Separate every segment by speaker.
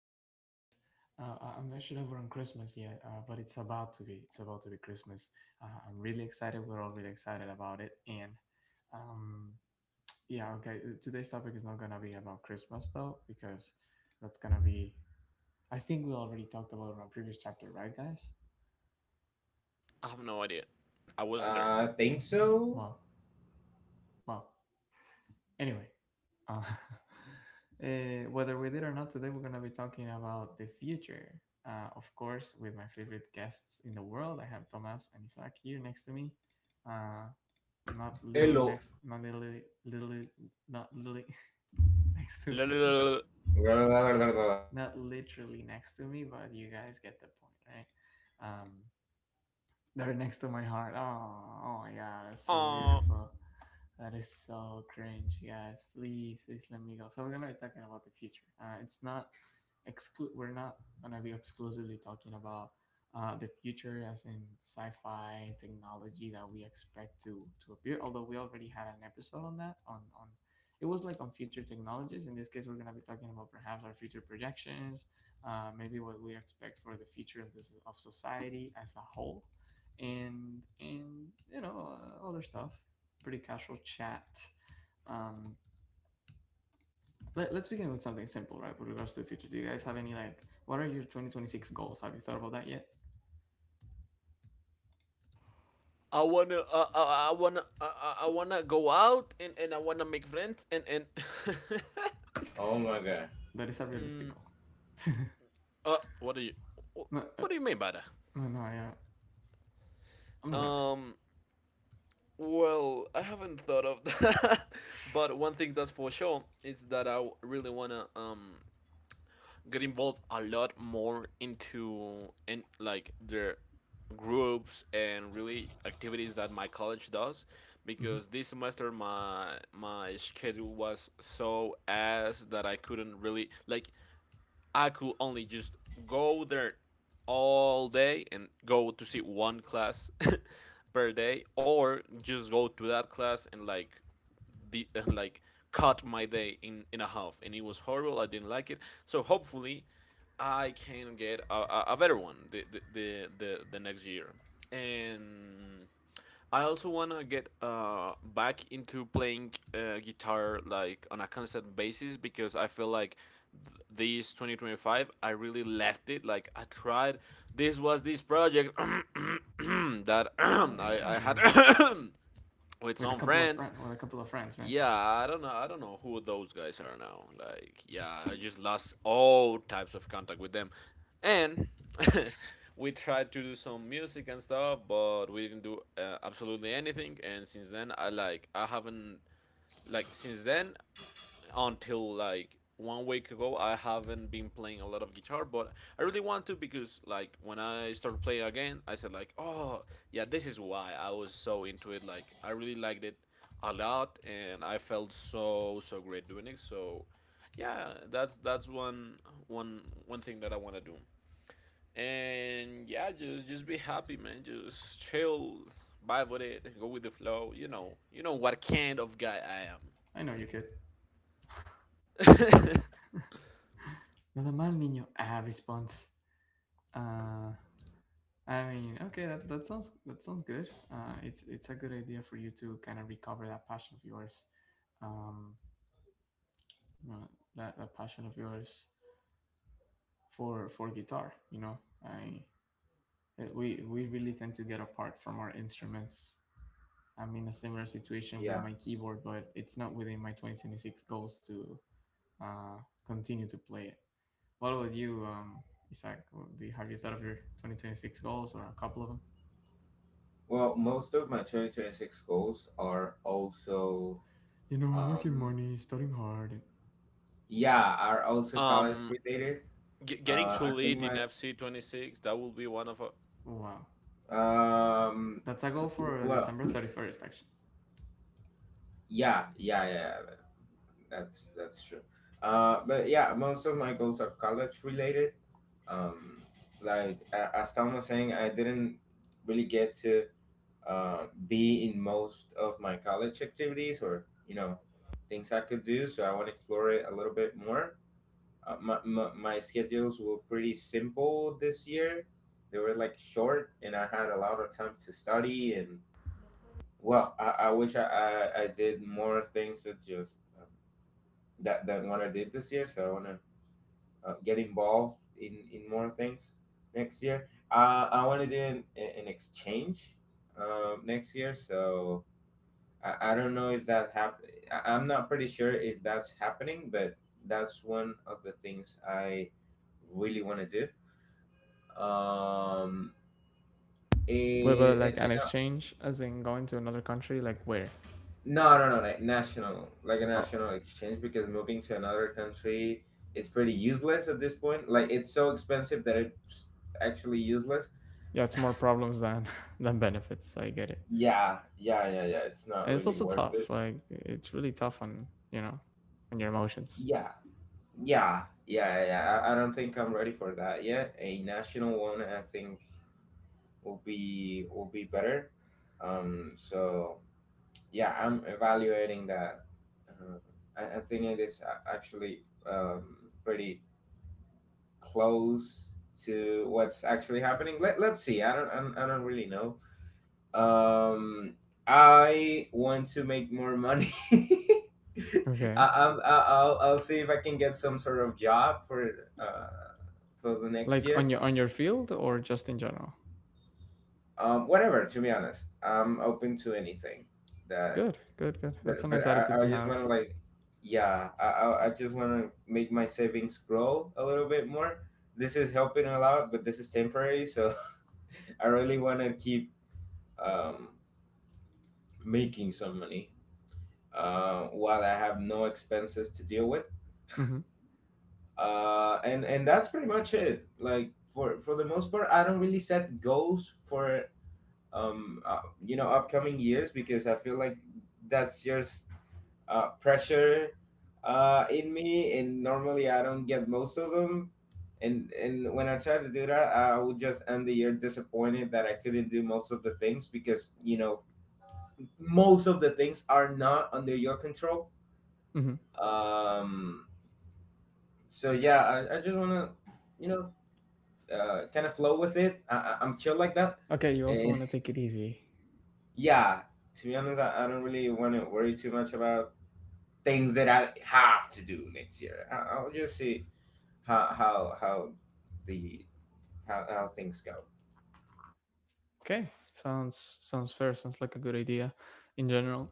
Speaker 1: Merry Christmas. I'm not sure if we're on Christmas yet, but it's about to be. It's about to be Christmas. I'm really excited. We're all really excited about it. And um, yeah, okay. Today's topic is not gonna be about Christmas though, because that's gonna be. I think we already talked about it in our previous chapter, right, guys?
Speaker 2: I have no idea. I wasn't there.
Speaker 3: I think so.
Speaker 1: Well, well, Anyway, uh, whether we did or not, today we're going to be talking about the future. Of course, with my favorite guests in the world, I have Thomas and Isaac here next to me. Uh, not literally
Speaker 3: Hello.
Speaker 1: not literally, literally, not literally next to
Speaker 2: La,
Speaker 1: me, not literally next to me, but you guys get the point, right? Um, they're next to my heart. Oh, oh my god, it's so
Speaker 2: Uh,
Speaker 1: beautiful. That is so cringe, guys. Please, please let me go. So we're gonna be talking about the future. It's not we're not gonna be exclusively talking about the future, as in sci-fi technology that we expect to appear. Although we already had an episode on that. It was like on future technologies. In this case, we're gonna be talking about perhaps our future projections, maybe what we expect for the future of this of society as a whole, and you know, other stuff, pretty casual chat. Um, let's begin with something simple, right? With regards to the future, do you guys have any, like, what are your 2026 goals? Have you thought about that yet?
Speaker 2: I wanna, I wanna, I wanna go out and, I wanna make friends and and.
Speaker 3: Oh my god.
Speaker 1: That is a
Speaker 2: mm,
Speaker 1: realistic goal.
Speaker 2: uh, what do you,
Speaker 1: No, uh,
Speaker 2: what do you mean by that?
Speaker 1: no, no I, uh, I'm not gonna.
Speaker 2: Um, well, I haven't thought of that, but one thing that's for sure is that I really wanna get involved a lot more into in like their groups and really activities that my college does,
Speaker 1: Mhm.
Speaker 2: because this semester my schedule was so ass that I couldn't really like, I could only just go there all day and go to see one class per day, or just go to that class and like the like cut my day in a half, and it was horrible. I didn't like it. So hopefully I can get a better one the next year, and I also wanna get back into playing guitar like on a constant basis, because I feel like this 2025 I really left it. Like I tried, this was this project that
Speaker 1: Oh, yeah,
Speaker 2: I
Speaker 1: I
Speaker 2: I had
Speaker 1: remember.
Speaker 2: with
Speaker 1: With a
Speaker 2: some
Speaker 1: couple of
Speaker 2: friends.
Speaker 1: friends, right?
Speaker 2: Yeah, I don't know. I don't know who those guys are now. Like, yeah, I just lost all types of contact with them, and we tried to do some music and stuff, but we didn't do absolutely anything. And since then, I like I haven't like since then until like 1 week ago I haven't been playing a lot of guitar. But I really want to, because like when I started playing again I said like, oh yeah, this is why I was so into it. Like I really liked it a lot, and I felt so so great doing it. So yeah, that's one thing that I want to do. And yeah, just be happy, man. Just chill, vibe with it, go with the flow. You know, you know what kind of guy I
Speaker 1: I know you could.
Speaker 2: am.
Speaker 1: Nada mal, niño. Ah, response. Uh, I mean, okay, that sounds good. It's a good idea for you to kind of recover that passion of yours. Um, you know, that passion of yours for guitar, you know, I we really tend to get apart from our instruments. I'm in a similar situation with
Speaker 3: Yeah.
Speaker 1: my keyboard, but it's not within my 2026 goals to uh, continue to play it. What about you, Isaac? Do you have you thought of your 2026 goals or a couple of them,
Speaker 3: Well, most of my 2026 goals are also
Speaker 1: you know, making
Speaker 3: um
Speaker 1: money, studying hard, and
Speaker 3: yeah, are also college
Speaker 2: um
Speaker 3: related.
Speaker 2: getting
Speaker 3: I
Speaker 2: too
Speaker 3: think
Speaker 2: late in
Speaker 3: my
Speaker 2: FC 26, that will be one of our—
Speaker 1: wow,
Speaker 3: um
Speaker 1: that's a goal for
Speaker 3: well,
Speaker 1: December 31st actually.
Speaker 3: yeah, that's true. But yeah, most of my goals are college related. Um as Tom was saying, I didn't really get to be in most of my college activities or you know things I could do. So I want to explore it a little bit more. My schedules were pretty simple this year. They were like short, and I had a lot of time to study. And well, I wish I did more things that just that than what I did this year. So I want to get involved in more things next year. I want to do an exchange next year. So I don't know if that happened. I'm not pretty sure if that's happening, but that's one of the things I really want to do. Um,
Speaker 1: Wait,
Speaker 3: in,
Speaker 1: but
Speaker 3: in,
Speaker 1: like
Speaker 3: in
Speaker 1: an
Speaker 3: a,
Speaker 1: exchange, as in going to another country, like where?
Speaker 3: no, like national, like a
Speaker 1: Oh,
Speaker 3: national exchange, because moving to another country it's pretty useless at this point. Like it's so expensive that it's actually useless.
Speaker 1: yeah, it's more problems than than benefits. I get it.
Speaker 3: Yeah, yeah. It's not
Speaker 1: And it's
Speaker 3: really
Speaker 1: also
Speaker 3: worth
Speaker 1: tough,
Speaker 3: it.
Speaker 1: like it's really tough on, you know, on your emotions.
Speaker 3: Yeah, I don't think I'm ready for that yet. A national one, I think will be better. Um, so yeah, I'm evaluating that. Uh, I think it is actually pretty close to what's actually happening. Let's see. I don't really know. Um, I want to make more money.
Speaker 1: Okay,
Speaker 3: I'll see if I can get some sort of job uh, for the next
Speaker 1: like
Speaker 3: year.
Speaker 1: on your field or just in general?
Speaker 3: Whatever. To be honest, I'm open to anything that
Speaker 1: Good, good, good, that's a
Speaker 3: But but
Speaker 1: nice attitude
Speaker 3: I, I
Speaker 1: to
Speaker 3: just want
Speaker 1: have.
Speaker 3: to like, yeah, I just want to make my savings grow a little bit more. This is helping a lot, but this is temporary. So I really want to keep um, making some money while I have no expenses to deal with.
Speaker 1: Mm-hmm.
Speaker 3: And that's pretty much it. Like for the most part, I don't really set goals for you know upcoming years because I feel like that's just pressure in me, and normally I don't get most of them. And and when i try to do that, I would just end the year disappointed that I couldn't do most of the things, because you know most of the things are not under your control.
Speaker 1: Mm-hmm.
Speaker 3: um yeah, I just want to you know kind of flow with it. I'm chill like that.
Speaker 1: Okay, you also want to take it easy.
Speaker 3: Yeah, to be honest, I don't really want to worry too much about things that I have to do next year. I'll just see how how how the how things go.
Speaker 1: Okay, sounds sounds fair, sounds like a good idea. In general,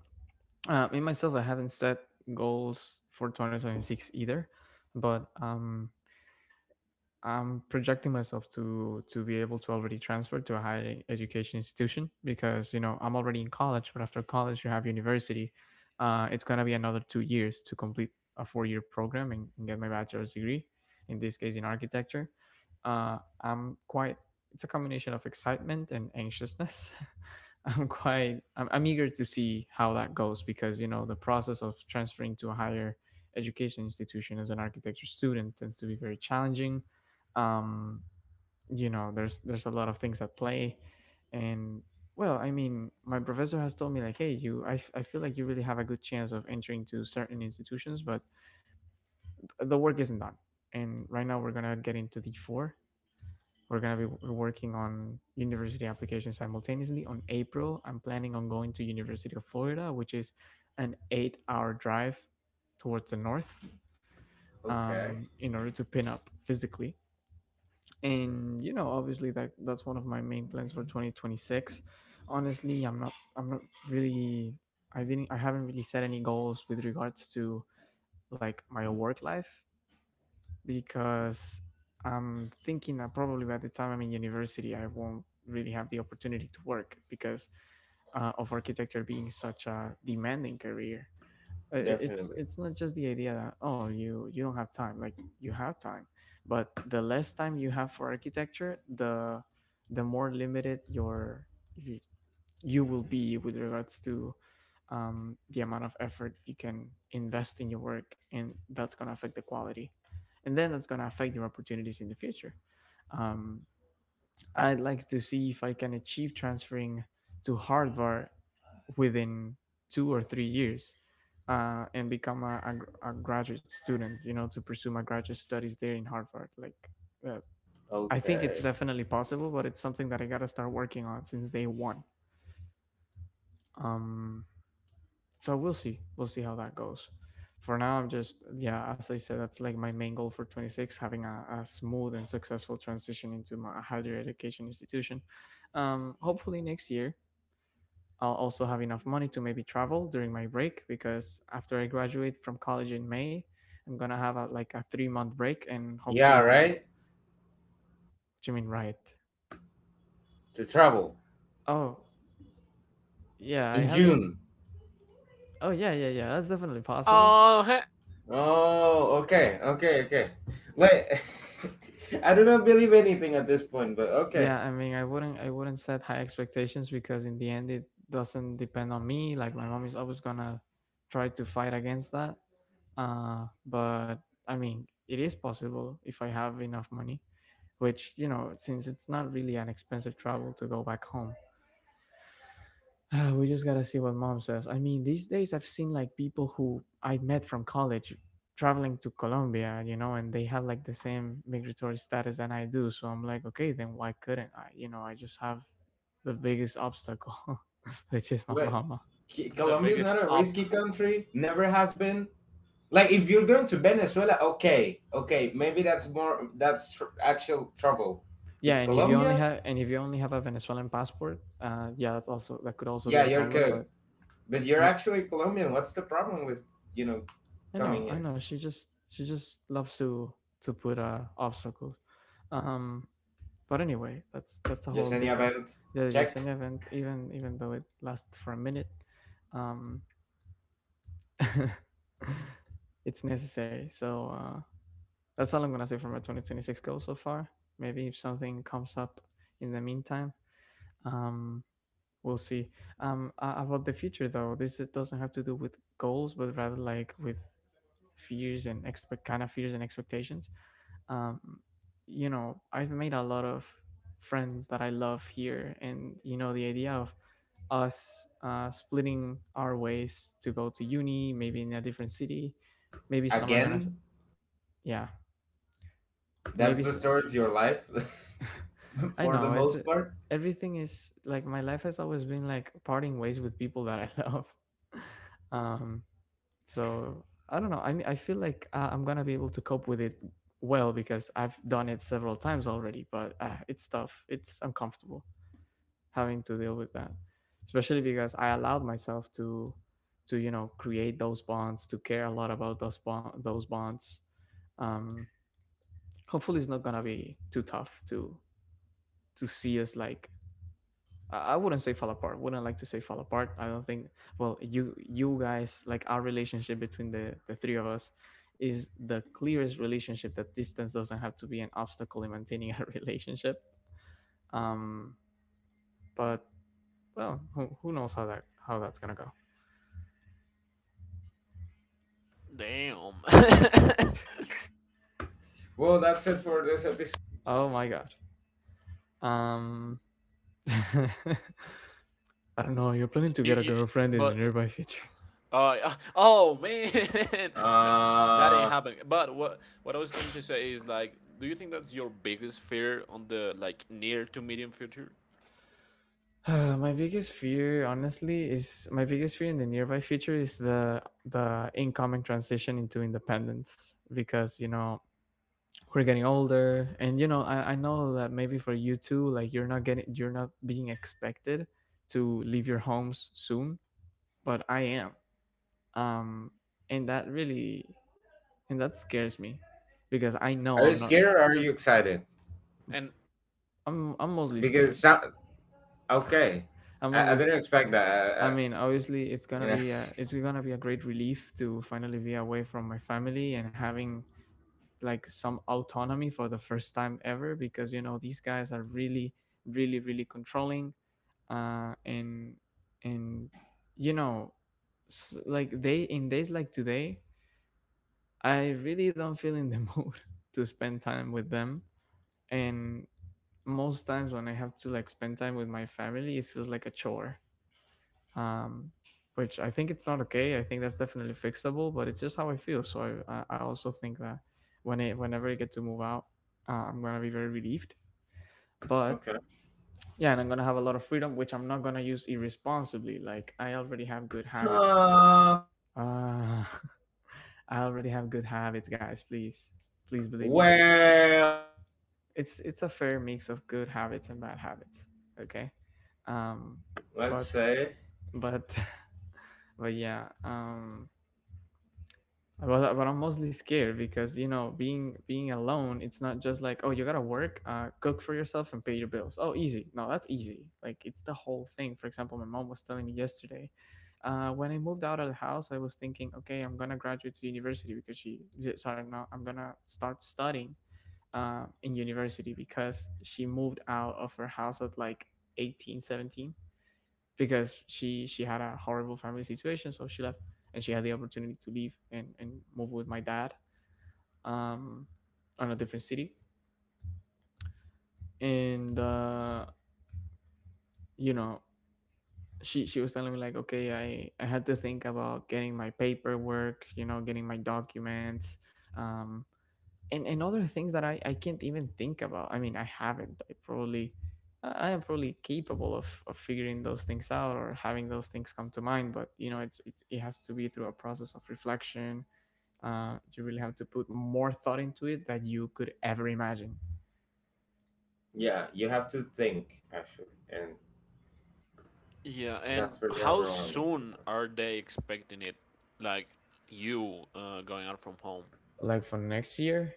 Speaker 1: me myself, I haven't set goals for 2026 either, but I'm projecting myself to be able to already transfer to a higher education institution because, you know, I'm already in college, but after college you have university. It's gonna be another 2 years to complete a 4 year program, and get my bachelor's degree. In this case, in architecture. I'm quite. It's a combination of excitement and anxiousness. I'm eager to see how that goes because, you know, the process of transferring to a higher education institution as an architecture student tends to be very challenging. Um, you know, there's a lot of things at play, and well, I mean, my professor has told me, like, hey, you, I feel like you really have a good chance of entering to certain institutions, but the work isn't done. And right now we're gonna get into D4, we're gonna be working on university applications simultaneously. On April, I'm planning on going to University of Florida, which is an 8-hour drive towards the north,
Speaker 3: Okay,
Speaker 1: in order to pin up physically. And, you know, obviously, that's one of my main plans for 2026. Honestly, I'm not. I'm not really. I didn't. I haven't really set any goals with regards to like my work life because I'm thinking that probably by the time I'm in university, I won't really have the opportunity to work because of architecture being such a demanding career. Uh, It's
Speaker 3: definitely.
Speaker 1: not just the idea that, oh, you don't have time, like you have time, but the less time you have for architecture, the more limited your y- you will be with regards to the amount of effort you can invest in your work, and that's going to affect the quality, and then that's going to affect your opportunities in the future. Um, I'd like to see if I can achieve transferring to Harvard within 2 or 3 years, and become a, a graduate student, you know, to pursue my graduate studies there in Harvard. Uh, I think it's
Speaker 3: Okay.
Speaker 1: definitely possible, but it's something that I gotta start working on since day 1. Um, so we'll see, how that goes. For now, I'm just, yeah, as I said, that's like my main goal for 26, having a smooth and successful transition into my higher education institution. Hopefully next year I'll also have enough money to maybe travel during my break, because after I graduate from college in May, I'm gonna have a, like a 3 month break, and
Speaker 3: Yeah,
Speaker 1: hopefully I'll, what
Speaker 3: right.
Speaker 1: do you mean? Right.
Speaker 3: To travel
Speaker 1: Oh, yeah, I
Speaker 3: in
Speaker 1: haven't.
Speaker 3: June.
Speaker 1: Oh yeah, yeah, yeah, that's definitely possible.
Speaker 2: Oh,
Speaker 3: Oh, okay, Like, I do not believe anything at this point, but okay.
Speaker 1: Yeah, I mean, I wouldn't set high expectations because in the end, it doesn't depend on me. Like my mom is always gonna try to fight against that. But I mean, it is possible if I have enough money, which, you know, since it's not really an expensive travel to go back home, we just gotta see what mom says. I mean, these days I've seen like people who I met from college traveling to Colombia, you know, and they have like the same migratory status than I do. So I'm like, okay, then why couldn't I? You know, I just have the biggest obstacle, which is my
Speaker 3: Like,
Speaker 1: mama.
Speaker 2: the
Speaker 3: Colombia's
Speaker 2: biggest
Speaker 3: not a
Speaker 2: up.
Speaker 3: risky country. Never has been. Like if you're going to Venezuela, okay, maybe that's actual trouble.
Speaker 1: Yeah,
Speaker 3: With
Speaker 1: and if you only
Speaker 3: Colombia,
Speaker 1: have, a Venezuelan passport, yeah, that's also, that could also be
Speaker 3: yeah,
Speaker 1: a
Speaker 3: you're
Speaker 1: problem.
Speaker 3: good,
Speaker 1: But
Speaker 3: but you're
Speaker 1: no,
Speaker 3: actually Colombian. What's the problem with you know
Speaker 1: I
Speaker 3: coming
Speaker 1: know,
Speaker 3: here?
Speaker 1: She just, loves to put obstacles. Um, But anyway, that's a
Speaker 3: Just
Speaker 1: whole
Speaker 3: any
Speaker 1: different,
Speaker 3: event,
Speaker 1: the
Speaker 3: check
Speaker 1: Yesenia event. Even though it lasts for a minute, um, it's necessary. So, that's all I'm gonna say for my 2026 goal so far. Maybe if something comes up in the meantime, um, we'll see. About the future though, this it doesn't have to do with goals, but rather like with fears and expect kind of fears and expectations. Um, you know, I've made a lot of friends that I love here, and, you know, the idea of us splitting our ways to go to uni, maybe in a different city. Maybe some are gonna,
Speaker 3: again.
Speaker 1: yeah,
Speaker 3: That's
Speaker 1: maybe
Speaker 3: the
Speaker 1: s
Speaker 3: story of your life,
Speaker 1: I
Speaker 3: for the
Speaker 1: know it's,
Speaker 3: most part.
Speaker 1: everything is like, my life has always been like parting ways with people that I love. Um, so I don't know. I mean, I feel like I'm gonna be able to cope with it well because I've done it several times already. But It's tough. It's uncomfortable, having to deal with that, especially because I allowed myself to you know, create those bonds, to care a lot about those bond those bonds. um Hopefully it's not gonna be too tough to see us, I wouldn't say fall apart, wouldn't like to say fall apart I don't think. Well, you guys, like, our relationship between the three of us is the clearest relationship that distance doesn't have to be an obstacle in maintaining a relationship. Um but well, who, knows how that, how that's gonna go.
Speaker 2: Damn.
Speaker 3: Well, that's it for this episode.
Speaker 1: Oh my god. Um, I don't know. You're planning to
Speaker 2: you,
Speaker 1: get a
Speaker 2: you,
Speaker 1: girlfriend in the
Speaker 2: but
Speaker 1: nearby future.
Speaker 2: oh man, no, that ain't
Speaker 3: Uh,
Speaker 2: happening. But what I was trying to say is like, do you think that's your biggest fear on the like near to medium future?
Speaker 1: My biggest fear, honestly, is, my biggest fear in the nearby future is the incoming transition into independence, because, you know, we're getting older, and, you know, I know that maybe for you too, like, you're not being expected to leave your homes soon, but I am. Um, and that really, and that scares me because I know
Speaker 3: are you
Speaker 1: I'm not,
Speaker 3: scared or are you excited?
Speaker 2: And
Speaker 1: I'm mostly scared.
Speaker 3: Because so- okay,
Speaker 1: I'm
Speaker 3: I
Speaker 1: mostly
Speaker 3: didn't
Speaker 1: scared.
Speaker 3: expect that.
Speaker 1: I mean, obviously, it's gonna
Speaker 3: You know.
Speaker 1: be a, it's gonna be a great relief to finally be away from my family and having like some autonomy for the first time ever because you know these guys are really, really, really controlling. Uh, and and you know, like they in days like today, I really don't feel in the mood to spend time with them. And most times when I have to like spend time with my family, it feels like a chore um, which I think it's not okay. I think that's definitely fixable, but it's just how I feel. So I also think that whenever I get to move out, I'm gonna be very relieved. But
Speaker 3: Okay.
Speaker 1: yeah, and I'm gonna have a lot of freedom, which I'm not gonna use irresponsibly. Like I already have good habits.
Speaker 3: Uh,
Speaker 1: Uh, I already have good habits, guys. Please, please believe me.
Speaker 3: Well,
Speaker 1: It's a fair mix of good habits and bad habits. Okay, um,
Speaker 3: let's
Speaker 1: but
Speaker 3: say,
Speaker 1: but but yeah. But I'm mostly scared because you know being alone, it's not just like oh you gotta work, cook for yourself and pay your bills. Oh easy, no that's easy. Like it's the whole thing. For example, my mom was telling me yesterday, when I moved out of the house, I was thinking okay I'm gonna graduate to university because sorry no I'm gonna start studying in university because she moved out of her house at like 18, 17 because she had a horrible family situation, so she left, and she had the opportunity to leave and move with my dad um on a different city, and you know she was telling me like okay I had to think about getting my paperwork, you know, getting my documents. Um, and other things that I can't even think about. I mean, I haven't. I probably I am probably capable of figuring those things out or having those things come to mind, but you know, it has to be through a process of reflection. You really have to put more thought into it that you could ever imagine.
Speaker 3: yeah, you have to think actually, and
Speaker 2: yeah, and
Speaker 3: that's really
Speaker 2: how
Speaker 3: overwhelming
Speaker 2: soon
Speaker 3: sometimes.
Speaker 2: are they expecting it? Like you going out from home?
Speaker 1: Like for next year,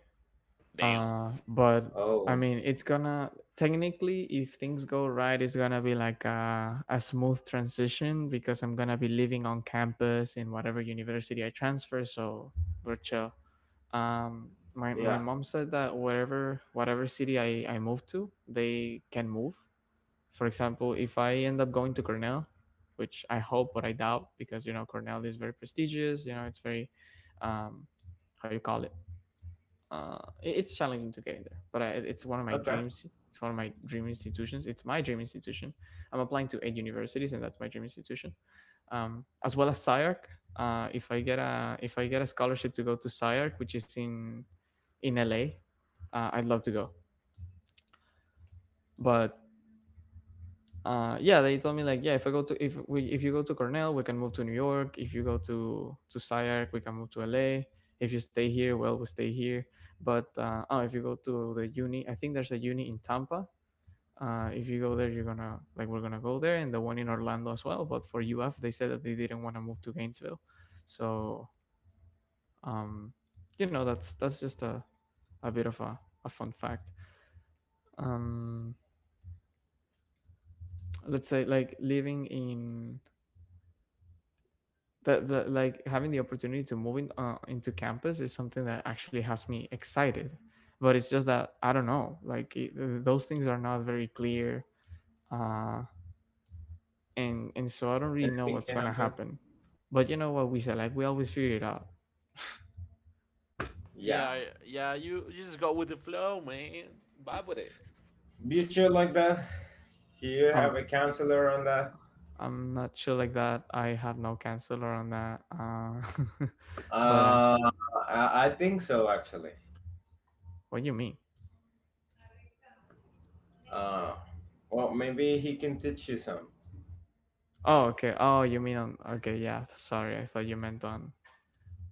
Speaker 2: Damn.
Speaker 1: but I
Speaker 3: Oh,
Speaker 1: mean it's gonna technically if things go right it's gonna be like a smooth transition because I'm gonna be living on campus in whatever university I transfer, so we're chill. My
Speaker 3: yeah,
Speaker 1: mom said that wherever whatever city I move to they can move. For example, if I end up going to Cornell, which I hope but I doubt because you know Cornell is very prestigious, you know it's very um how you call it, it's challenging to get in there, but I, it's one of my
Speaker 3: okay.
Speaker 1: dreams. It's one of my dream institutions. It's my dream institution. I'm applying to eight universities, and that's my dream institution, as well as SciArc. If I get a scholarship to go to SciArc, which is in LA, I'd love to go. But yeah they told me like yeah if we if you go to Cornell we can move to New York, if you go to SciArc we can move to LA, if you stay here well we stay here. But uh oh if you go to the uni, I think there's a uni in Tampa, if you go there you're gonna like we're gonna go there, and the one in Orlando as well, but for UF they said that they didn't want to move to Gainesville. So um you know that's just a bit of a fun fact. um let's say like living in that like having the opportunity to move in, into campus is something that actually has me excited, but it's just that I don't know, like it, those things are not very clear, uh and so I don't really know
Speaker 3: Anything
Speaker 1: what's
Speaker 3: can
Speaker 1: gonna
Speaker 3: happen.
Speaker 1: happen. But you know what we said, like we always figure it out.
Speaker 3: Yeah,
Speaker 2: Yeah, yeah, you just go with the flow, man. Vibe with it.
Speaker 3: be chill like that. You
Speaker 1: i'm
Speaker 3: have a counselor on that.
Speaker 1: I'm not sure, like that I have no counselor on that but
Speaker 3: Uh, I think so actually.
Speaker 1: what do you mean?
Speaker 3: Uh, well, maybe he can teach you some.
Speaker 1: Oh okay, oh you mean on okay yeah, sorry I thought you meant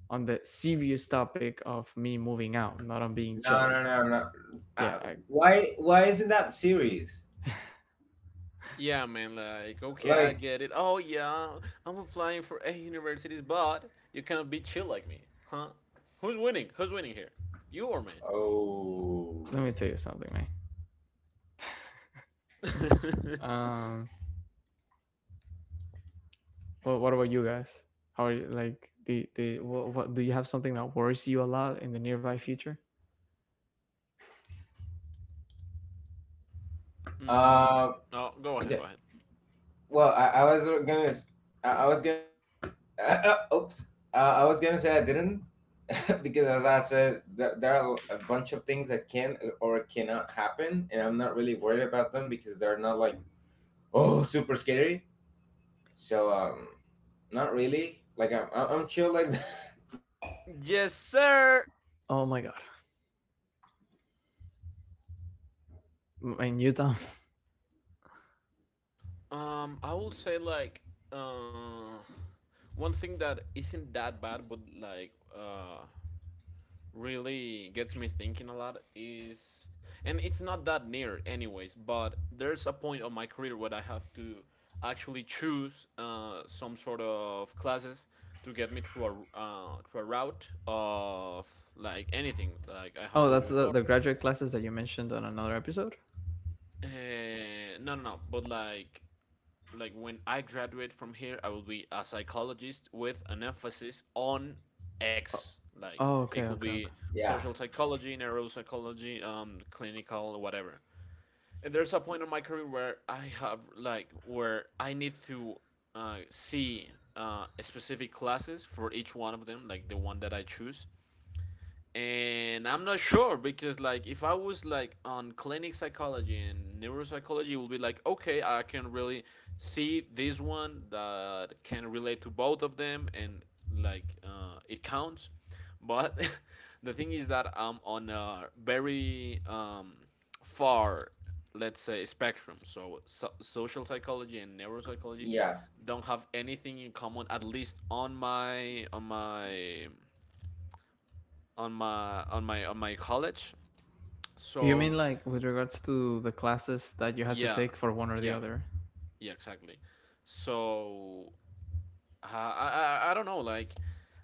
Speaker 1: on the serious topic of me moving out, not on being chill
Speaker 3: No,
Speaker 1: like that.
Speaker 3: Uh,
Speaker 1: Yeah, I,
Speaker 3: why, isn't that serious?
Speaker 2: Yeah, man, like, okay, I
Speaker 3: Like,
Speaker 2: get it. Oh, yeah, I'm applying for a universities, but you cannot be chill like me, huh? Who's winning? Who's winning here? You or me?
Speaker 3: oh,
Speaker 1: let me tell you something, man. Um, well, what about you guys? How are you like the what do you have something that worries you a lot in the nearby future?
Speaker 2: mm,
Speaker 3: uh,
Speaker 2: oh, go ahead, go
Speaker 3: okay.
Speaker 2: ahead.
Speaker 3: Well, I was gonna, oops, I was gonna say I didn't because as I said, there are a bunch of things that can or cannot happen, and I'm not really worried about them, because they're not like oh super scary. So not really. Like I'm chill like that.
Speaker 2: Yes, sir.
Speaker 1: Oh my god, in Utah.
Speaker 2: I will say like uh one thing that isn't that bad, but like really gets me thinking a lot is, and it's not that near anyways, but there's a point of my career where I have to actually choose some sort of classes to get me through a through a route of like anything, like I have
Speaker 1: Oh,
Speaker 2: told
Speaker 1: that's
Speaker 2: you before.
Speaker 1: the graduate classes that you mentioned on another episode.
Speaker 2: Uh, no no no but like when I graduate from here, I will be a psychologist with an emphasis on X. Like,
Speaker 1: Oh,
Speaker 2: it
Speaker 1: okay,
Speaker 2: could
Speaker 1: okay,
Speaker 2: be
Speaker 1: okay.
Speaker 3: Yeah,
Speaker 2: social psychology, neuropsychology, clinical, whatever. And there's a point in my career where I have like where I need to see specific classes for each one of them, like the one that I choose. And I'm not sure, because like if I was like on clinic psychology and neuropsychology it would be like, okay, I can really see this one that can relate to both of them and like it counts. But the thing is that I'm on a very far, let's say, spectrum. So social psychology and neuropsychology
Speaker 3: yeah,
Speaker 2: don't have anything in common, at least on my on my college.
Speaker 1: Do you
Speaker 2: So
Speaker 1: mean like with regards to the classes that you had to
Speaker 2: yeah,
Speaker 1: take for one or the
Speaker 2: yeah,
Speaker 1: other?
Speaker 2: yeah, exactly. So I don't know. Like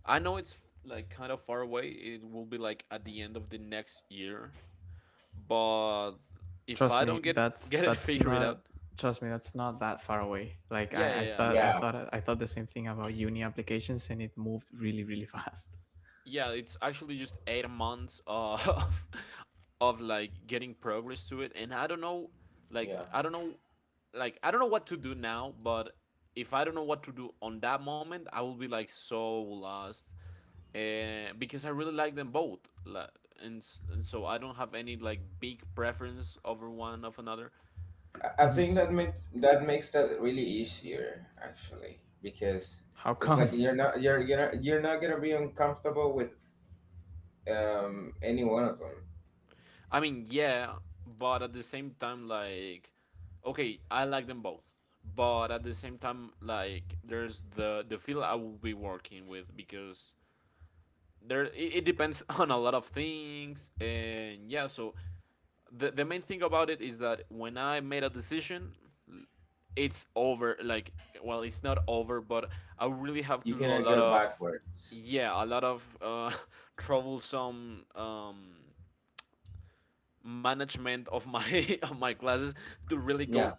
Speaker 2: I know it's like kind of far away. It will be like at the end of the next year. But if
Speaker 1: Trust
Speaker 2: I
Speaker 1: me,
Speaker 2: don't
Speaker 1: that's
Speaker 2: get it
Speaker 1: that's
Speaker 2: figured out,
Speaker 1: not trust me, that's not that far away. Like
Speaker 2: yeah,
Speaker 1: I,
Speaker 2: yeah, yeah.
Speaker 3: yeah,
Speaker 1: I thought the same thing about uni applications and it moved really, really fast.
Speaker 2: yeah it's actually just 8 months of of like getting progress to it, and I don't know, like
Speaker 3: yeah.
Speaker 2: i don't know I don't know what to do now. But if I don't know what to do on that moment, I will be like so lost. And because I really like them both, like, and, s- and so I don't have any like big preference over one of another.
Speaker 3: I
Speaker 1: Mhm.
Speaker 3: think that makes that really easier actually, because
Speaker 1: How
Speaker 3: it's like
Speaker 1: come?
Speaker 3: you're not gonna be uncomfortable with any one of them.
Speaker 2: I mean, yeah, but at the same time, like, okay, I like them both, but at the same time, like, there's the field I will be working with because there it, it depends on a lot of things, and yeah. So the main thing about it is that when I made a decision, it's over. Like, well, it's not over, but I really have to
Speaker 3: You
Speaker 2: do a
Speaker 3: cannot
Speaker 2: lot
Speaker 3: go
Speaker 2: of,
Speaker 3: backwards,
Speaker 2: yeah, a lot of troublesome management of my of my classes to really go
Speaker 3: yeah.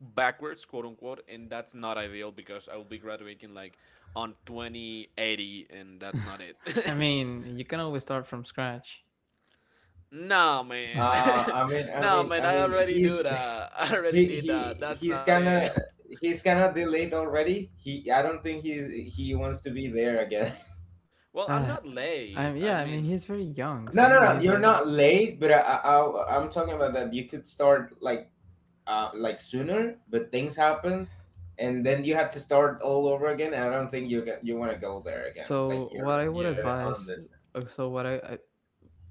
Speaker 2: backwards, quote unquote, and that's not ideal because I will be graduating like on 2080, and that's not it.
Speaker 1: I mean, you can always start from scratch.
Speaker 2: No, man.
Speaker 3: uh i mean i
Speaker 2: No,
Speaker 3: mean
Speaker 2: man,
Speaker 3: i
Speaker 2: I
Speaker 3: mean
Speaker 2: already do
Speaker 3: he's
Speaker 2: that. I already
Speaker 3: he
Speaker 2: did that. That's
Speaker 3: he's
Speaker 2: not
Speaker 3: kind
Speaker 2: it.
Speaker 3: of delayed already. He i don't think he wants to be there again.
Speaker 2: Well, I'm
Speaker 1: Uh,
Speaker 2: not
Speaker 1: I
Speaker 2: late. I
Speaker 1: yeah, I mean,
Speaker 2: mean,
Speaker 1: he's very young,
Speaker 3: No,
Speaker 1: saying that he's
Speaker 3: you're
Speaker 1: late.
Speaker 3: not late, but I'm talking about that you could start like sooner, but things happen, and then you have to start all over again. I don't think you want to go there again. Like
Speaker 1: So what I would
Speaker 2: yeah.
Speaker 3: you're On
Speaker 1: advise,
Speaker 3: this,
Speaker 1: so what I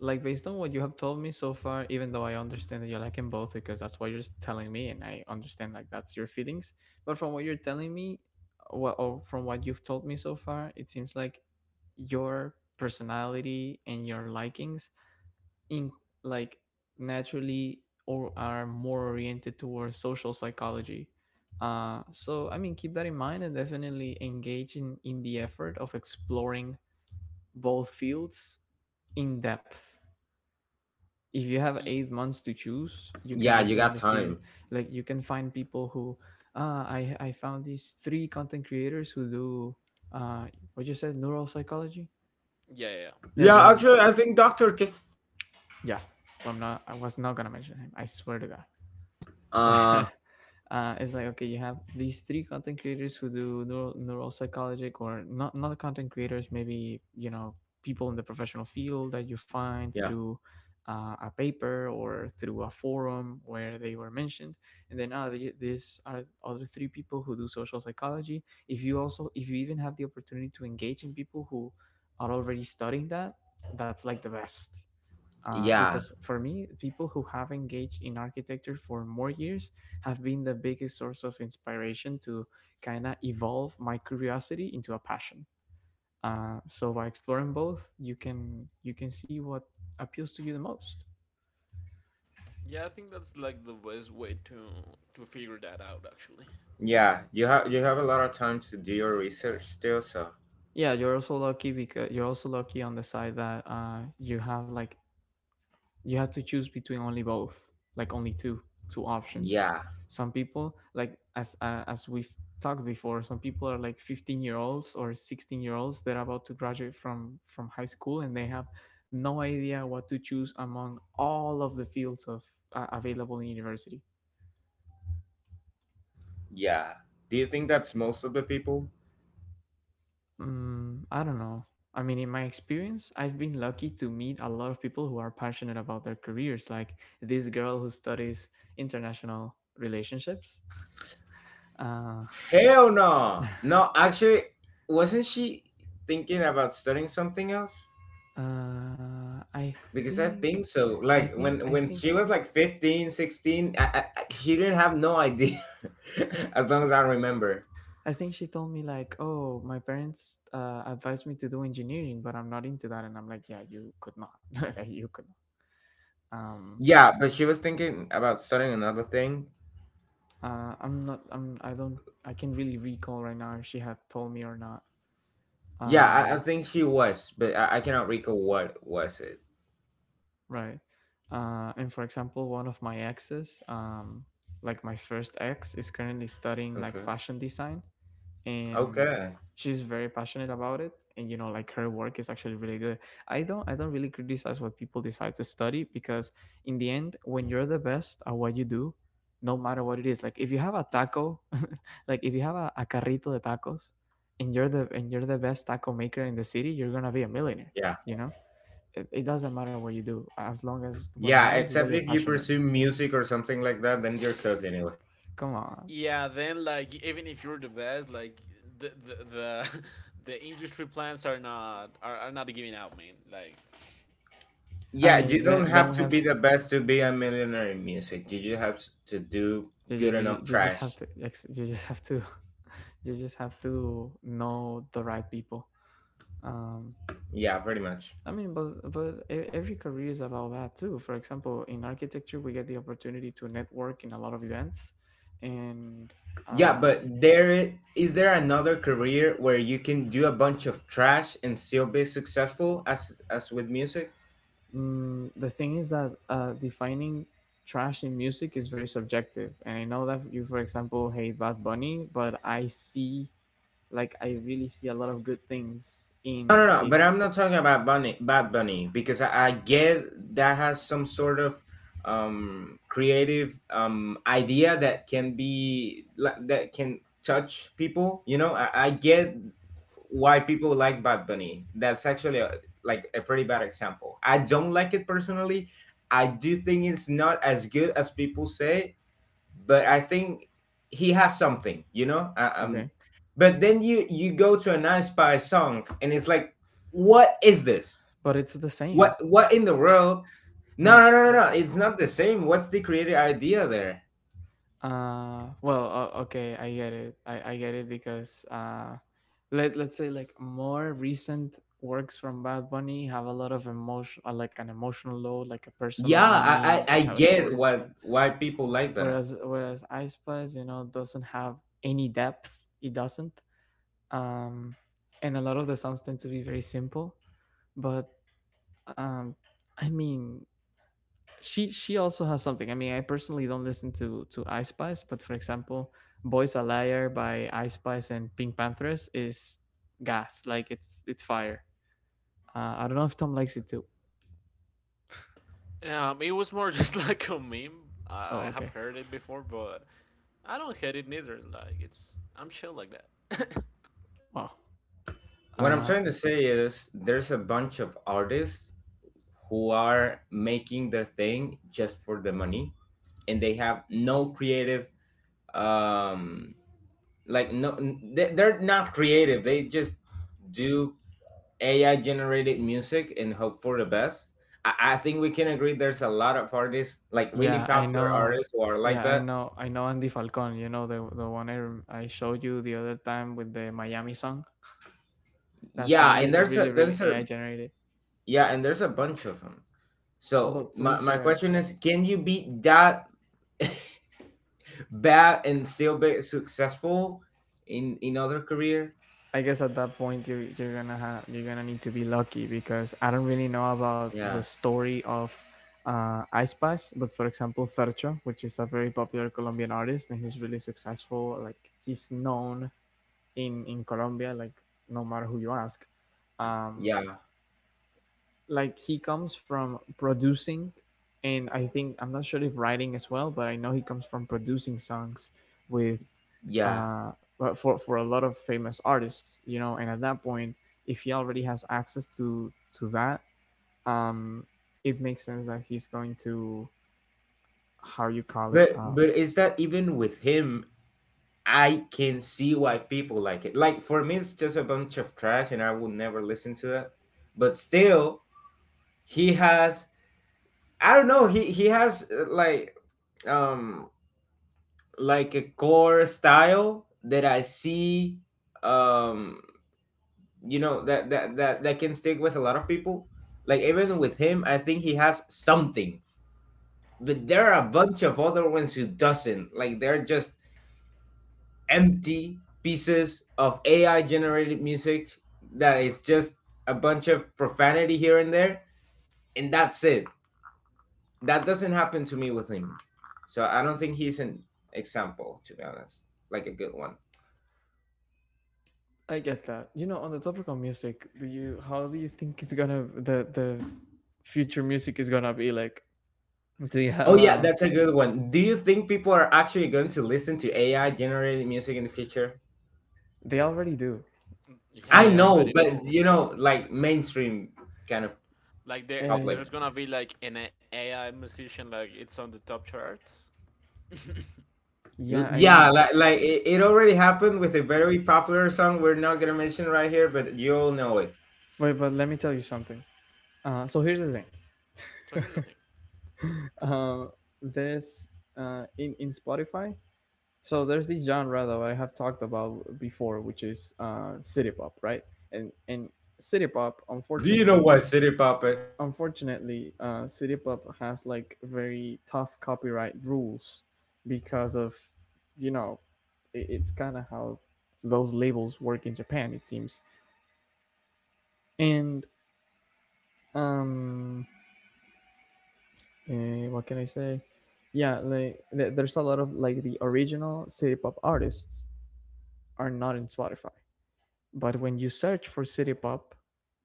Speaker 1: like based on what you have told me so far, even though I understand that you like them both because that's what you're telling me and I understand like that's your feelings, but from what you're telling me what or from what you've told me so far it seems like your personality and your likings in like naturally or are more oriented towards social psychology. So I mean keep that in mind and definitely engage in the effort of exploring both fields in depth. If you have
Speaker 2: Y-
Speaker 1: 8 months to choose, you can
Speaker 3: yeah, you got
Speaker 1: definitely see,
Speaker 3: time.
Speaker 1: like you can find people who ah I found these three content creators who do uh what you said, neural psychology.
Speaker 2: yeah, yeah. Yeah,
Speaker 1: Yeah, you
Speaker 3: Yeah,
Speaker 1: had
Speaker 3: actually, I think Doctor K.
Speaker 1: yeah. I'm not. I was not gonna mention him. I swear to God.
Speaker 3: Uh,
Speaker 1: It's like okay, you have these three content creators who do neuropsychologic or not, not content creators, maybe you know people in the professional field that you find
Speaker 3: yeah,
Speaker 1: through a paper or through a forum where they were mentioned, and then these are other three people who do social psychology. If you even have the opportunity to engage in people who are already studying that, that's like the best.
Speaker 3: Yeah,
Speaker 1: Because for me, people who have engaged in architecture for more years have been the biggest source of inspiration to kind of evolve my curiosity into a passion. So by exploring both, you can see what appeals to you the most.
Speaker 2: Yeah, I think that's like the best way to figure that out actually.
Speaker 3: yeah. You have a lot of time to do your research still, so
Speaker 1: Yeah, you're also lucky because you're also lucky on the side that you have like you have to choose between only both, like only two options.
Speaker 3: yeah,
Speaker 1: Some people, like as we've talked before, some people are like 15-year-olds or 16-year-olds that are about to graduate from high school and they have no idea what to choose among all of the fields of available in university.
Speaker 3: yeah. Do you think that's most of the people?
Speaker 1: Mm, I don't know. I mean, in my experience I've been lucky to meet a lot of people who are passionate about their careers, like this girl who studies international relationships. uh,
Speaker 3: Hell no, no. Actually, wasn't she thinking about studying something else?
Speaker 1: Uh, I
Speaker 3: Because I
Speaker 1: think,
Speaker 3: think so.
Speaker 1: I
Speaker 3: Like
Speaker 1: think,
Speaker 3: when
Speaker 1: I think
Speaker 3: she
Speaker 1: she,
Speaker 3: was like 15, 16, she didn't have no idea. As long as I remember.
Speaker 1: I think she told me like, oh, my parents advised me to do engineering, but I'm not into that, and I'm like, yeah, you could not, like, you could not.
Speaker 3: Yeah, but she was thinking about studying another thing.
Speaker 1: I don't, I can't really recall right now if she had told me or not.
Speaker 3: Yeah, I
Speaker 1: Um,
Speaker 3: think she was, but I cannot recall what was it.
Speaker 1: right. And for example, one of my exes, like my first ex, is currently studying like
Speaker 3: Okay.
Speaker 1: fashion design, and
Speaker 3: Okay.
Speaker 1: she's very passionate about it, and you know like her work is actually really good. I don't really criticize what people decide to study because in the end when you're the best at what you do, no matter what it is, like if you have a taco like if you have a carrito de tacos and you're the best taco maker in the city you're gonna be a millionaire,
Speaker 3: Yeah.
Speaker 1: you know. It doesn't matter what you do as long as, what
Speaker 3: Yeah,
Speaker 1: matters is that
Speaker 3: except
Speaker 1: you're
Speaker 3: if you
Speaker 1: passionate.
Speaker 3: pursue music or something like that, then you're cooked anyway.
Speaker 1: Come on.
Speaker 2: Yeah, then like even if you're the best, like the the the, the industry plans are not, are not giving out, man. Like,
Speaker 1: I
Speaker 3: Yeah, you
Speaker 1: mean
Speaker 3: don't
Speaker 1: then
Speaker 3: have
Speaker 1: we
Speaker 3: to
Speaker 1: have
Speaker 3: be the best to be a millionaire in music. You just have to do good enough
Speaker 1: you just have
Speaker 3: trash.
Speaker 1: to you just have to, you just have to know the right people. Um,
Speaker 3: Yeah, pretty much.
Speaker 1: I mean, but every career is about that too. For example, in architecture, we get the opportunity to network in a lot of events, and
Speaker 3: Yeah,
Speaker 1: uh,
Speaker 3: but is there another career where you can do a bunch of trash and still be successful as with music?
Speaker 1: the thing is that defining trash in music is very subjective. And I know that you, for example, hate Bad Bunny, but I see, like, I really see a lot of good things
Speaker 3: No,
Speaker 1: in
Speaker 3: But
Speaker 1: his.
Speaker 3: I'm not talking about Bunny, Bad Bunny, because I get that has some sort of creative idea that can be like, that can touch people. You know, I get why people like Bad Bunny. That's actually a, like a pretty bad example. I don't like it personally. I do think it's not as good as people say, but I think he has something, you know.
Speaker 1: Okay,
Speaker 3: But then you go to an Inspire song, and it's like, what is this?
Speaker 1: but it's the same.
Speaker 3: What in the world? No,
Speaker 1: Mm,
Speaker 3: It's not the same. What's the creative idea there?
Speaker 1: Okay, I get it. I get it because let's say like more recent works from Bad Bunny have a lot of emotion, like an emotional load, like a personal
Speaker 3: Yeah,
Speaker 1: meaning. They
Speaker 3: I
Speaker 1: have a story
Speaker 3: get
Speaker 1: and stuff.
Speaker 3: what why people like that.
Speaker 1: Whereas Ice Spice, you know, doesn't have any depth. It doesn't. Um, and a lot of the songs tend to be very simple. But um, I mean, she also has something. I mean, I personally don't listen to I Spice, but for example, "Boys a Liar" by I Spice and Pink Panthers is gas. Like it's fire. I don't know if Tom likes it too.
Speaker 2: it was more just like a meme.
Speaker 1: Oh,
Speaker 2: I have
Speaker 1: okay.
Speaker 2: heard it before, but I don't hate it neither. Like, it's I'm chill like that.
Speaker 1: Wow.
Speaker 3: What I'm
Speaker 1: Uh,
Speaker 3: trying to say is there's a bunch of artists who are making their thing just for the money, and they have no creative um they're not creative. They just do AI generated music and hope for the best. I think we can agree there's a lot of artists like really
Speaker 1: yeah, I
Speaker 3: popular
Speaker 1: know.
Speaker 3: artists who are
Speaker 1: Yeah,
Speaker 3: like
Speaker 1: I
Speaker 3: that.
Speaker 1: know. I know Andy Falcon. You know the one I I showed you the other time with the Miami song that
Speaker 3: yeah and
Speaker 1: sounded
Speaker 3: there's
Speaker 1: really
Speaker 3: a
Speaker 1: really
Speaker 3: there's a
Speaker 1: AI generated.
Speaker 3: yeah, and there's a bunch of them.
Speaker 1: Although
Speaker 3: So
Speaker 1: to be
Speaker 3: my
Speaker 1: fair,
Speaker 3: question is can you be that bad and still be successful in other career?
Speaker 1: I guess at that point you're gonna have you're gonna need to be lucky because I don't really know about the
Speaker 3: yeah
Speaker 1: story of I Spice, but for example Fercho, which is a very popular Colombian artist and he's really successful. Like he's known in Colombia, like no matter who you ask. Um,
Speaker 3: yeah
Speaker 1: like he comes from producing, and I think I'm not sure if writing as well, but I know he comes from producing songs with
Speaker 3: yeah
Speaker 1: uh but for a lot of famous artists, you know, and at that point, if he already has access to that, um it makes sense that he's going to how you call it.
Speaker 3: but but is that even with him? I can see why people like it. Like for me, it's just a bunch of trash, and I will never listen to it. But still, he has I don't know. He has um like a core style that I see. Um, you know that that can stick with a lot of people. Like even with him, I think he has something. But there are a bunch of other ones who doesn't. Like they're just empty pieces of AI generated music that is just a bunch of profanity here and there, and that's it. That doesn't happen to me with him. So I don't think he's an example, to be honest. Like a good one.
Speaker 1: I get that. You know, on the topic of music, do you— how do you think it's gonna— the future music is gonna be like? Do you have
Speaker 3: Oh yeah,
Speaker 1: a—
Speaker 3: that's a good one. Do you think people are actually going to listen to AI generated music in the future?
Speaker 1: they already do.
Speaker 2: Yeah,
Speaker 3: I
Speaker 2: they
Speaker 1: uh
Speaker 3: know,
Speaker 2: already
Speaker 3: but
Speaker 2: do.
Speaker 3: you know, like mainstream kind of
Speaker 2: Like
Speaker 3: public.
Speaker 1: Uh,
Speaker 2: there's gonna be like an AI musician like it's on the top charts.
Speaker 1: yeah, I
Speaker 3: Yeah,
Speaker 1: mean,
Speaker 3: like it, it already happened with a very popular song we're not gonna mention right here, but you all know it.
Speaker 1: wait, but let me tell you something. So here's the thing.
Speaker 2: So here's the thing.
Speaker 1: Uh, there's in Spotify. So there's this genre that I have talked about before, which is city pop, right? And city pop,
Speaker 3: Do you know
Speaker 1: unfortunately,
Speaker 3: what City Pop is?
Speaker 1: unfortunately, city pop has like very tough copyright rules because of, you know, it, it's kind of how those labels work in Japan, it seems. And um, what can I say? Yeah, like there's a lot of like the original city pop artists are not in Spotify, but when you search for city pop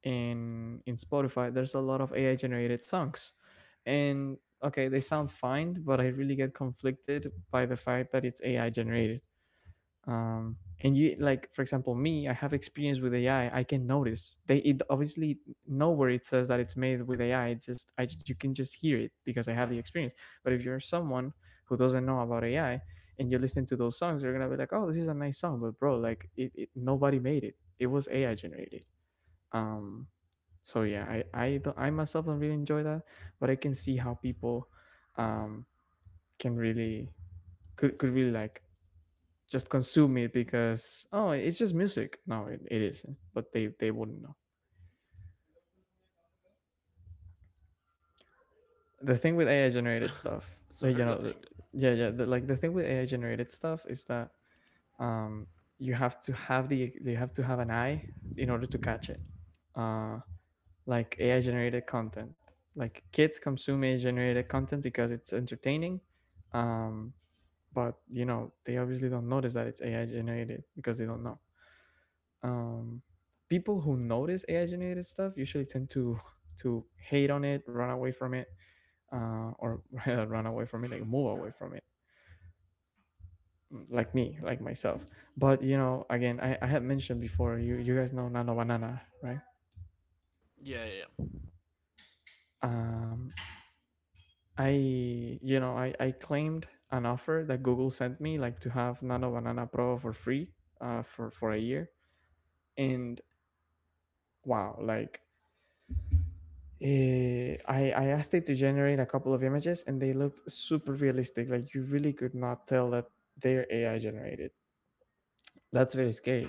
Speaker 1: in Spotify, there's a lot of AI generated songs, and okay, they sound fine, but I really get conflicted by the fact that it's AI generated. um and you— like for example, me, I have experience with AI. I can notice they— it obviously nowhere it says that it's made with AI. It's just— I you can just hear it because I have the experience. But if you're someone who doesn't know about AI and you listen to those songs, you're gonna be like, "Oh, this is a nice song," but bro, like it nobody made it. It was AI generated. um so yeah, I myself don't really enjoy that, but I can see how people um can really could really like just consume it because, oh, it's just music. No, it isn't, but they wouldn't know. The thing with AI generated stuff,
Speaker 2: So here's
Speaker 1: you
Speaker 2: the
Speaker 1: know, the,
Speaker 2: thing.
Speaker 1: yeah yeah the, like the thing with AI generated stuff is that um you have to have the— you have to have an eye in order to catch it. uh like AI generated content, like kids consume AI generated content because it's entertaining. um but you know they obviously don't notice that it's AI generated because they don't know. um, People who notice AI generated stuff usually tend to hate on it, run away from it, or run away from it, like move away from it, like me, like myself. But you know, again, I had mentioned before, you guys know Nano Banana, right?
Speaker 2: Yeah,
Speaker 1: Um, I You know I claimed an offer that Google sent me, like to have Nano Banana Pro for free, for a year, and wow, like I asked it to generate a couple of images and they looked super realistic. Like you really could not tell that they're AI generated. That's very scary.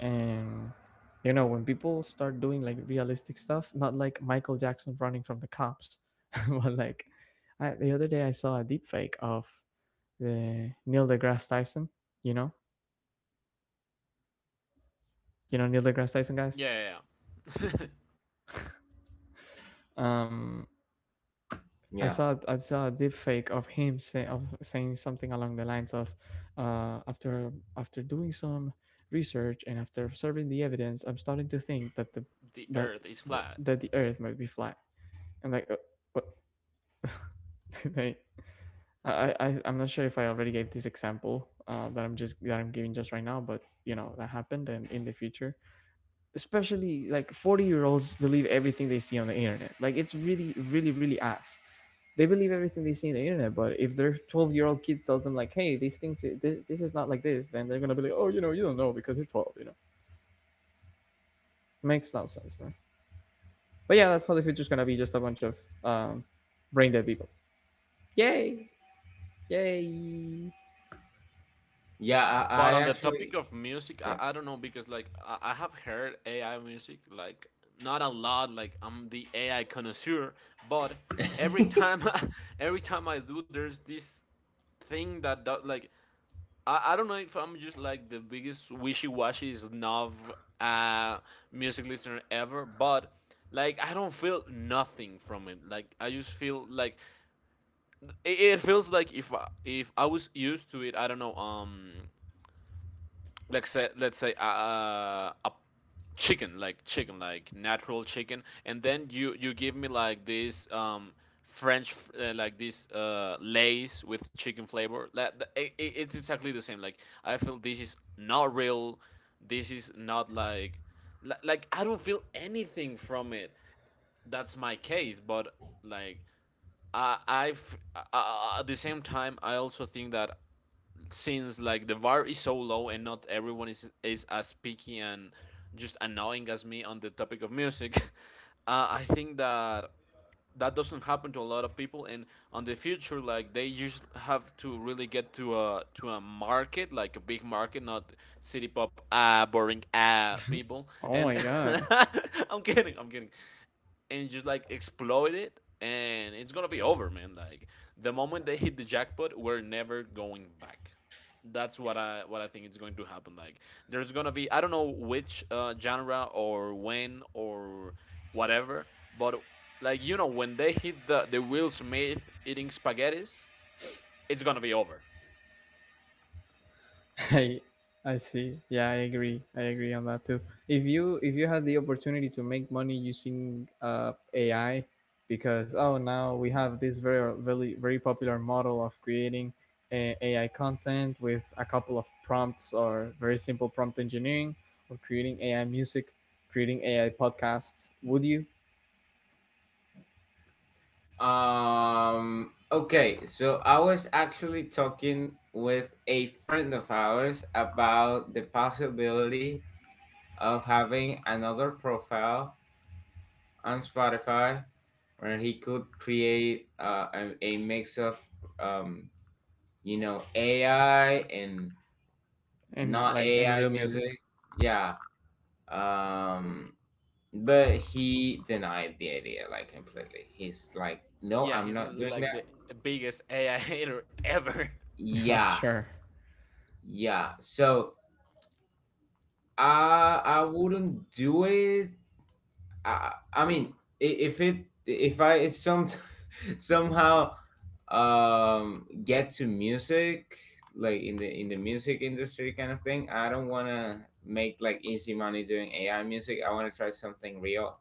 Speaker 1: And you know, when people start doing like realistic stuff, not like Michael Jackson running from the cops, but like— I the other day I saw a deep fake of the Neil deGrasse Tyson, you know, you know Neil deGrasse Tyson guys.
Speaker 2: yeah, yeah. yeah.
Speaker 1: Um, I
Speaker 3: Yeah.
Speaker 1: saw— I saw a deep fake of him saying something along the lines of, after after doing some research and after observing the evidence, "I'm starting to think that
Speaker 2: the
Speaker 1: that
Speaker 2: Earth is flat.
Speaker 1: that the Earth might be flat." And like, what? Like, I'm not sure if I already gave this example that I'm just— that I'm giving just right now, but you know that happened. And in the future, especially like 40-year-olds believe everything they see on the internet. Like it's really really really ass, they believe everything they see on the internet. But if their 12-year-old kid tells them like, "Hey, these things— this is not like this," then they're gonna be like, "Oh, you know, you don't know because you're 12, you know." Makes no sense, bro. But yeah, that's how the future's gonna be, just a bunch of um brain dead people. Yay. Yay.
Speaker 3: Yeah,
Speaker 2: But
Speaker 3: I
Speaker 2: on the topic
Speaker 3: actually
Speaker 2: of music,
Speaker 3: yeah.
Speaker 2: I don't know because like I have heard AI music like not a lot. Like I'm the AI connoisseur, but every time every time I do, there's this thing that does like, I don't know if I'm just like the biggest wishy washy snob uh music listener ever, but like I don't feel nothing from it. Like I just feel like it feels like if I was used to it, I don't know. Let's say, a chicken, like chicken, like natural chicken, and then you give me like this french like this lays with chicken flavor that that it it's exactly the same. Like I feel this is not real. This is not like, like I don't feel anything from it. That's my case. But like I, I've at the same time I also think that since like the var is so low and not everyone is as picky and just annoying as me on the topic of music, I think that that doesn't happen to a lot of people, and on the future like they just have to really get to a market like a big market, not city pop, ah boring ah people,
Speaker 1: Oh
Speaker 2: and
Speaker 1: my god.
Speaker 2: I'm kidding, I'm kidding. And just like exploit it, and it's gonna be over, man. Like the moment they hit the jackpot, we're never going back. That's what I, what I think is going to happen. Like there's gonna be, I don't know which genre or when or whatever, but like you know when they hit the Will Smith eating spaghettis, it's gonna be over.
Speaker 1: I I see. Yeah, I agree. I agree on that too. If you— if you had the opportunity to make money using AI, because oh, now we have this very very very popular model of creating AI content with a couple of prompts or very simple prompt engineering, or creating AI music, creating AI podcasts, would you?
Speaker 3: Okay, so I was actually talking with a friend of ours about the possibility of having another profile on Spotify where he could create a mix of um you know AI and
Speaker 1: And
Speaker 3: not
Speaker 1: like in
Speaker 3: AI
Speaker 1: real music,
Speaker 3: music. Yeah. Um but he denied the idea like completely. He's like, "No,
Speaker 2: Yeah,
Speaker 3: I'm
Speaker 2: he's
Speaker 3: not doing
Speaker 2: like the
Speaker 3: that."
Speaker 2: biggest AI hater ever.
Speaker 1: I'm
Speaker 3: Yeah.
Speaker 1: sure.
Speaker 3: Yeah. So, I wouldn't do it. I mean, I- if it if I some somehow get to music like in the music industry kind of thing, I don't want to make like easy money doing AI music. I want to try something real.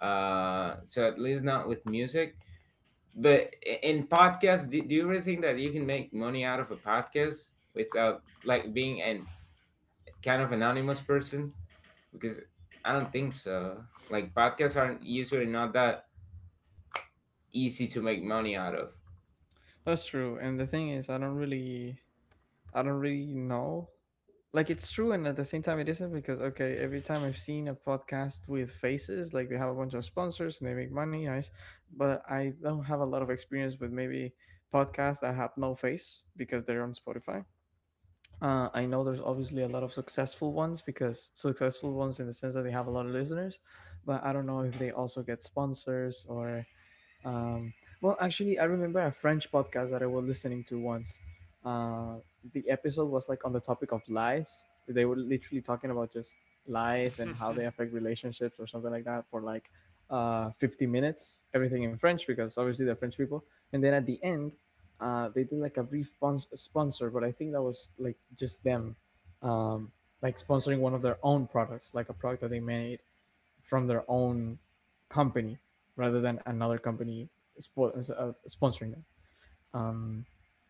Speaker 3: So at least not with music, but in podcasts, do you really think that you can make money out of a podcast without like being an kind of anonymous person? Because I don't think so. Like, podcasts aren't usually not that easy to make money out of.
Speaker 1: That's true. And the thing is, I don't really— I don't really know. Like it's true, and at the same time, it isn't because okay, every time I've seen a podcast with faces, like they have a bunch of sponsors and they make money, nice. But I don't have a lot of experience with maybe podcasts that have no face because they're on Spotify. I know there's obviously a lot of successful ones, because successful ones in the sense that they have a lot of listeners, but I don't know if they also get sponsors or um, well, actually, I remember a French podcast that I was listening to once. Uh, the episode was like on the topic of lies. They were literally talking about just lies and how they affect relationships or something like that for like 50 minutes, everything in French because obviously they're French people. And then at the end, they did like a brief sponsor, but I think that was like just them, um, like sponsoring one of their own products, like a product that they made from their own company, rather than another company sponsoring them.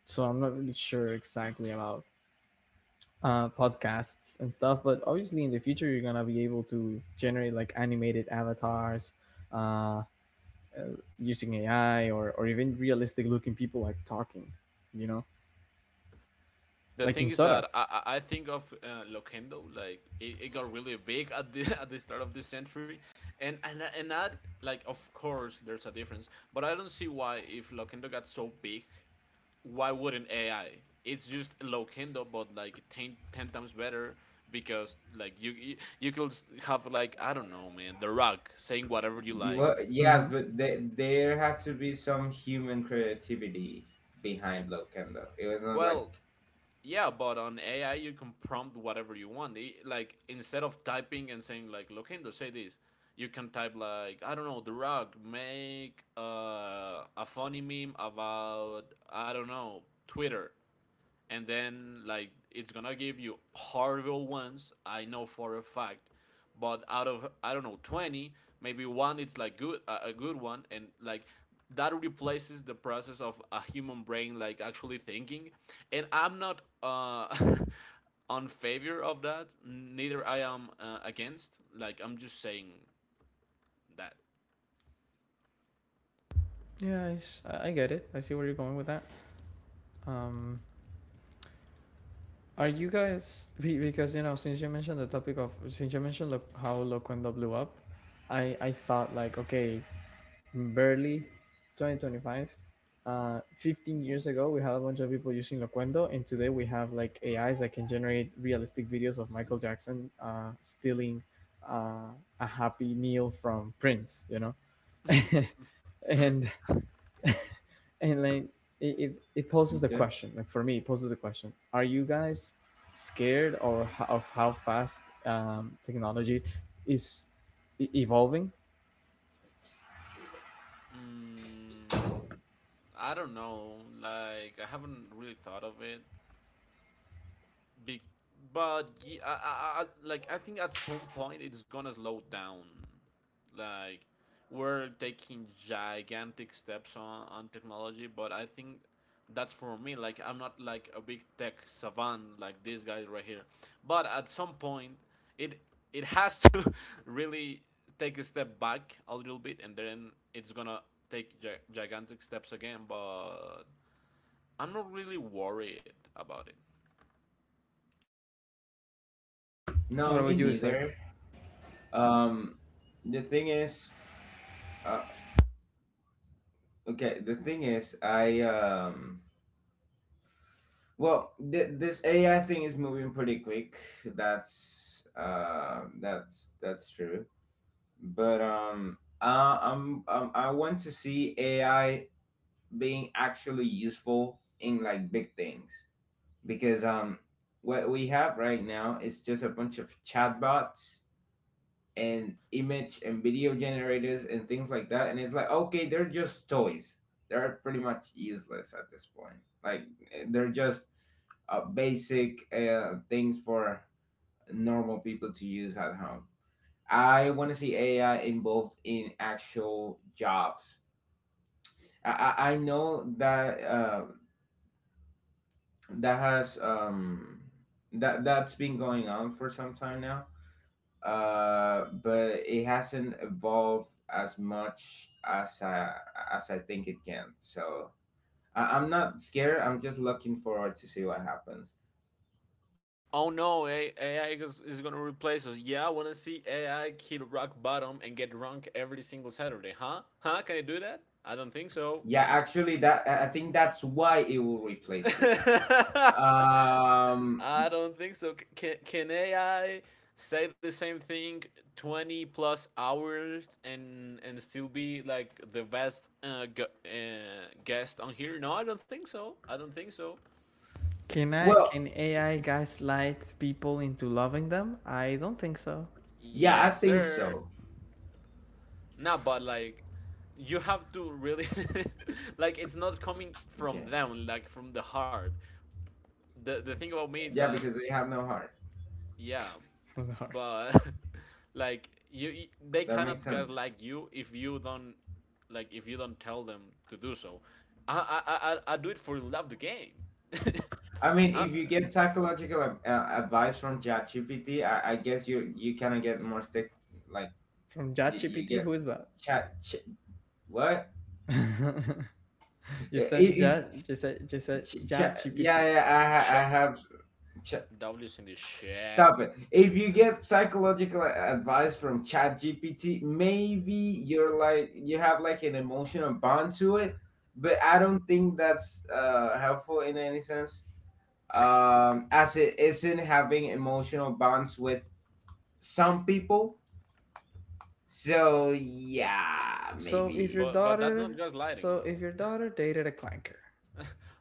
Speaker 1: So I'm not really sure exactly about podcasts and stuff, but obviously in the future you're gonna be able to generate like animated avatars, uh, using AI, or even realistic looking people like talking, you know,
Speaker 2: The
Speaker 1: like
Speaker 2: thing
Speaker 1: in
Speaker 2: is
Speaker 1: Sora.
Speaker 2: that I think of Loquendo, like it got really big at the at the start of this century, and that, like of course there's a difference, but I don't see why if Loquendo got so big, why wouldn't AI? It's just Loquendo, but like ten times better, because like you could have like, I don't know man, The Rock saying whatever you like.
Speaker 3: Well, yes,
Speaker 1: Mm-hmm.
Speaker 3: but there had to be some human creativity behind Locendo. It was not like.
Speaker 2: Well, yeah, but on AI you can prompt whatever you want. Like instead of typing and saying like Loquendo say this, you can type like I don't know, The Rock make a funny meme about I don't know Twitter, and then like it's gonna give you horrible ones. I know for a fact, but out of I don't know 20, maybe one it's like good, a good one, and like that replaces the process of a human brain like actually thinking. And I'm not on favor of that neither, I am against, like I'm just saying that.
Speaker 1: Yeah, I get it. I see where you're going with that. Um, Are you guys— because you know, since you mentioned the topic of— since you mentioned look how Loquendo blew up, I thought like okay, barely, 2025, 15 years ago we had a bunch of people using Loquendo, and today we have like AIs that can generate realistic videos of Michael Jackson stealing a happy meal from Prince, you know, and— and like it poses the
Speaker 3: Okay.
Speaker 1: question— like for me it poses the question, are you guys scared or of how fast technology is evolving?
Speaker 2: mm, I don't know, like I haven't really thought of it. Be- but like I think at some point it's gonna slow down. Like we're taking gigantic steps on technology, but I think that's for me. Like I'm not like a big tech savant like these guys right here, but at some point it it has to really take a step back a little bit, and then it's gonna take gigantic steps again. But I'm not really worried about it.
Speaker 1: What
Speaker 3: No, me
Speaker 1: about you, Isaac?
Speaker 3: neither. um the thing is uh. Okay, the thing is, I well, this AI thing is moving pretty quick. That's that's true. But I'm, I want to see AI being actually useful in like big things, because what we have right now is just a bunch of chatbots and image and video generators and things like that, and it's like okay, they're just toys. They're pretty much useless at this point. Like they're just basic things for normal people to use at home. I want to see AI involved in actual jobs. i, I know that that has that's been going on for some time now, but it hasn't evolved as much as I, as I think it can. So I'm not scared. I'm just looking forward to see what happens.
Speaker 2: Oh no, AI is gonna replace us. Yeah, I wanna see AI hit rock bottom and get drunk every single Saturday, huh? Huh? Can I do that? I don't think so.
Speaker 3: Yeah, actually, that I think that's why it will replace you. Um.
Speaker 2: I don't think so. Can AI say the same thing 20 plus hours and still be like the best guest on here? No, I don't think so. I don't think so.
Speaker 1: Can I—
Speaker 3: Well,
Speaker 1: can AI gaslight people into loving them? I don't think so.
Speaker 3: yeah,
Speaker 2: Yes,
Speaker 3: I think
Speaker 2: sir.
Speaker 3: so.
Speaker 2: No, but like you have to really like it's not coming
Speaker 3: Okay.
Speaker 2: from them, like from the heart. The thing about me is
Speaker 3: Yeah,
Speaker 2: that
Speaker 3: because they have no heart.
Speaker 2: yeah,
Speaker 1: All right.
Speaker 2: but like you they
Speaker 3: That makes
Speaker 2: cannot
Speaker 3: sense.
Speaker 2: gaslight you if you don't, like if you don't tell them to do so. I do it for love the game.
Speaker 3: I mean,
Speaker 2: I,
Speaker 3: if you get psychological advice from ChatGPT, I guess you you kind of get more stick like
Speaker 1: From
Speaker 3: you
Speaker 1: ChatGPT,
Speaker 3: get
Speaker 1: who is that?
Speaker 3: chat. What?
Speaker 1: You said
Speaker 3: If,
Speaker 1: Chat, you said— you
Speaker 3: if,
Speaker 1: said
Speaker 3: ch- ch- Yeah,
Speaker 1: ChatGPT.
Speaker 2: shit,
Speaker 3: I have. Ch-
Speaker 2: W's in the shit.
Speaker 3: Stop it. If you get psychological advice from ChatGPT, maybe you're like you have like an emotional bond to it, but I don't think that's helpful in any sense. As it isn't having emotional bonds with some people. So yeah,
Speaker 1: So if your
Speaker 3: maybe.
Speaker 2: But that's not
Speaker 1: daughter— so
Speaker 2: gaslighting
Speaker 1: if
Speaker 2: though.
Speaker 1: your daughter dated a clanker—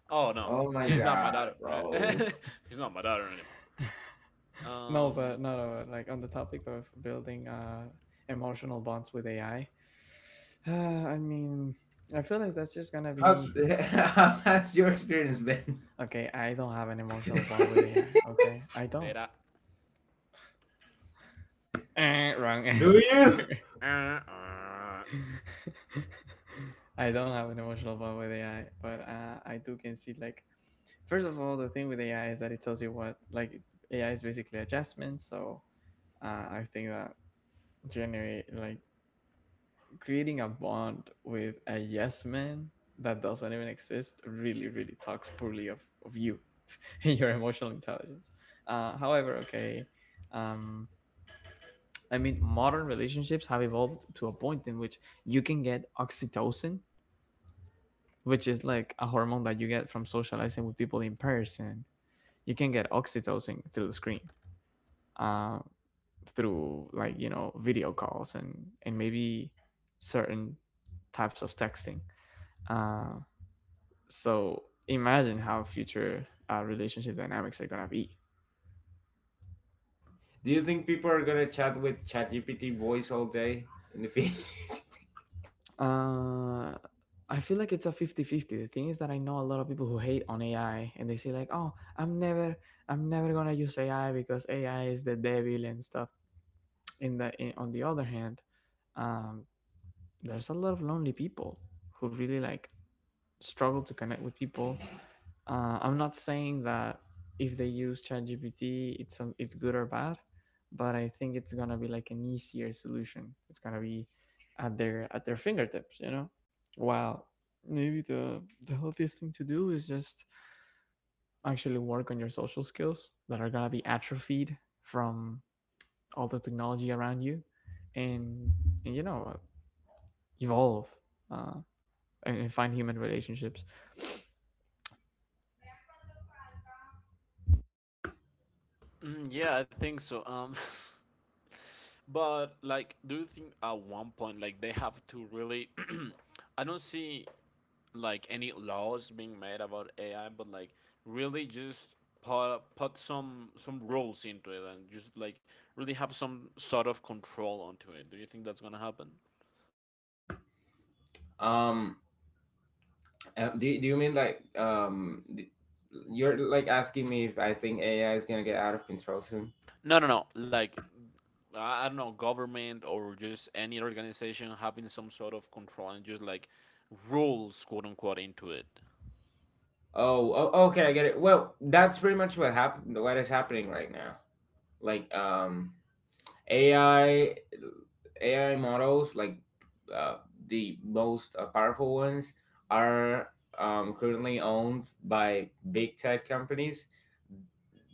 Speaker 2: Oh no,
Speaker 3: Oh my
Speaker 2: he's not my daughter.
Speaker 3: god, bro.
Speaker 2: He's not my daughter anymore.
Speaker 1: No, but
Speaker 2: Um,
Speaker 1: no, no, like on the topic of building emotional bonds with AI, I mean, I feel like that's just gonna be
Speaker 3: How's how's your experience been?
Speaker 1: okay. I don't have an emotional bond with AI. Okay, I don't.
Speaker 2: did I?
Speaker 1: Eh, wrong
Speaker 3: Do
Speaker 1: answer.
Speaker 3: you?
Speaker 2: Uh, uh,
Speaker 1: I don't have an emotional bond with AI, but I do can see like first of all, the thing with AI is that it tells you what, like, AI is basically adjustment. So I think that generate like creating a bond with a yes man that doesn't even exist really talks poorly of you and your emotional intelligence. However okay. um, I mean, modern relationships have evolved to a point in which you can get oxytocin, which is like a hormone that you get from socializing with people in person. You can get oxytocin through the screen, uh, through, like, you know, video calls and maybe certain types of texting. uh. So imagine how future relationship dynamics are gonna be.
Speaker 3: Do you think people are gonna chat with ChatGPT voice all day in the feed?
Speaker 1: Uh, I feel like it's a 50-50. The thing is that I know a lot of people who hate on AI and they say like, "Oh, I'm never gonna use AI because AI is the devil and stuff." On the other hand, um, there's a lot of lonely people who really like struggle to connect with people. I'm not saying that if they use ChatGPT, it's good or bad, but I think it's gonna be like an easier solution. It's gonna be at their fingertips, you know. While maybe the healthiest thing to do is just actually work on your social skills that are gonna be atrophied from all the technology around you, and, and, you know, evolve uh, and find human relationships.
Speaker 2: yeah, I think so. But like, do you think at one point like they have to really? I don't see like any laws being made about AI, but like really just put some rules into it and just like really have some sort of control onto it. Do you think that's gonna happen?
Speaker 3: um, do you mean like you're like asking me if I think AI is gonna get out of control soon?
Speaker 2: No, no, no. Like I don't know, government or just any organization having some sort of control and just like rules, quote unquote, into it.
Speaker 3: Oh, okay, I get it. Well, that's pretty much what happened. What is happening right now? Like AI AI models like uh, the most powerful ones are currently owned by big tech companies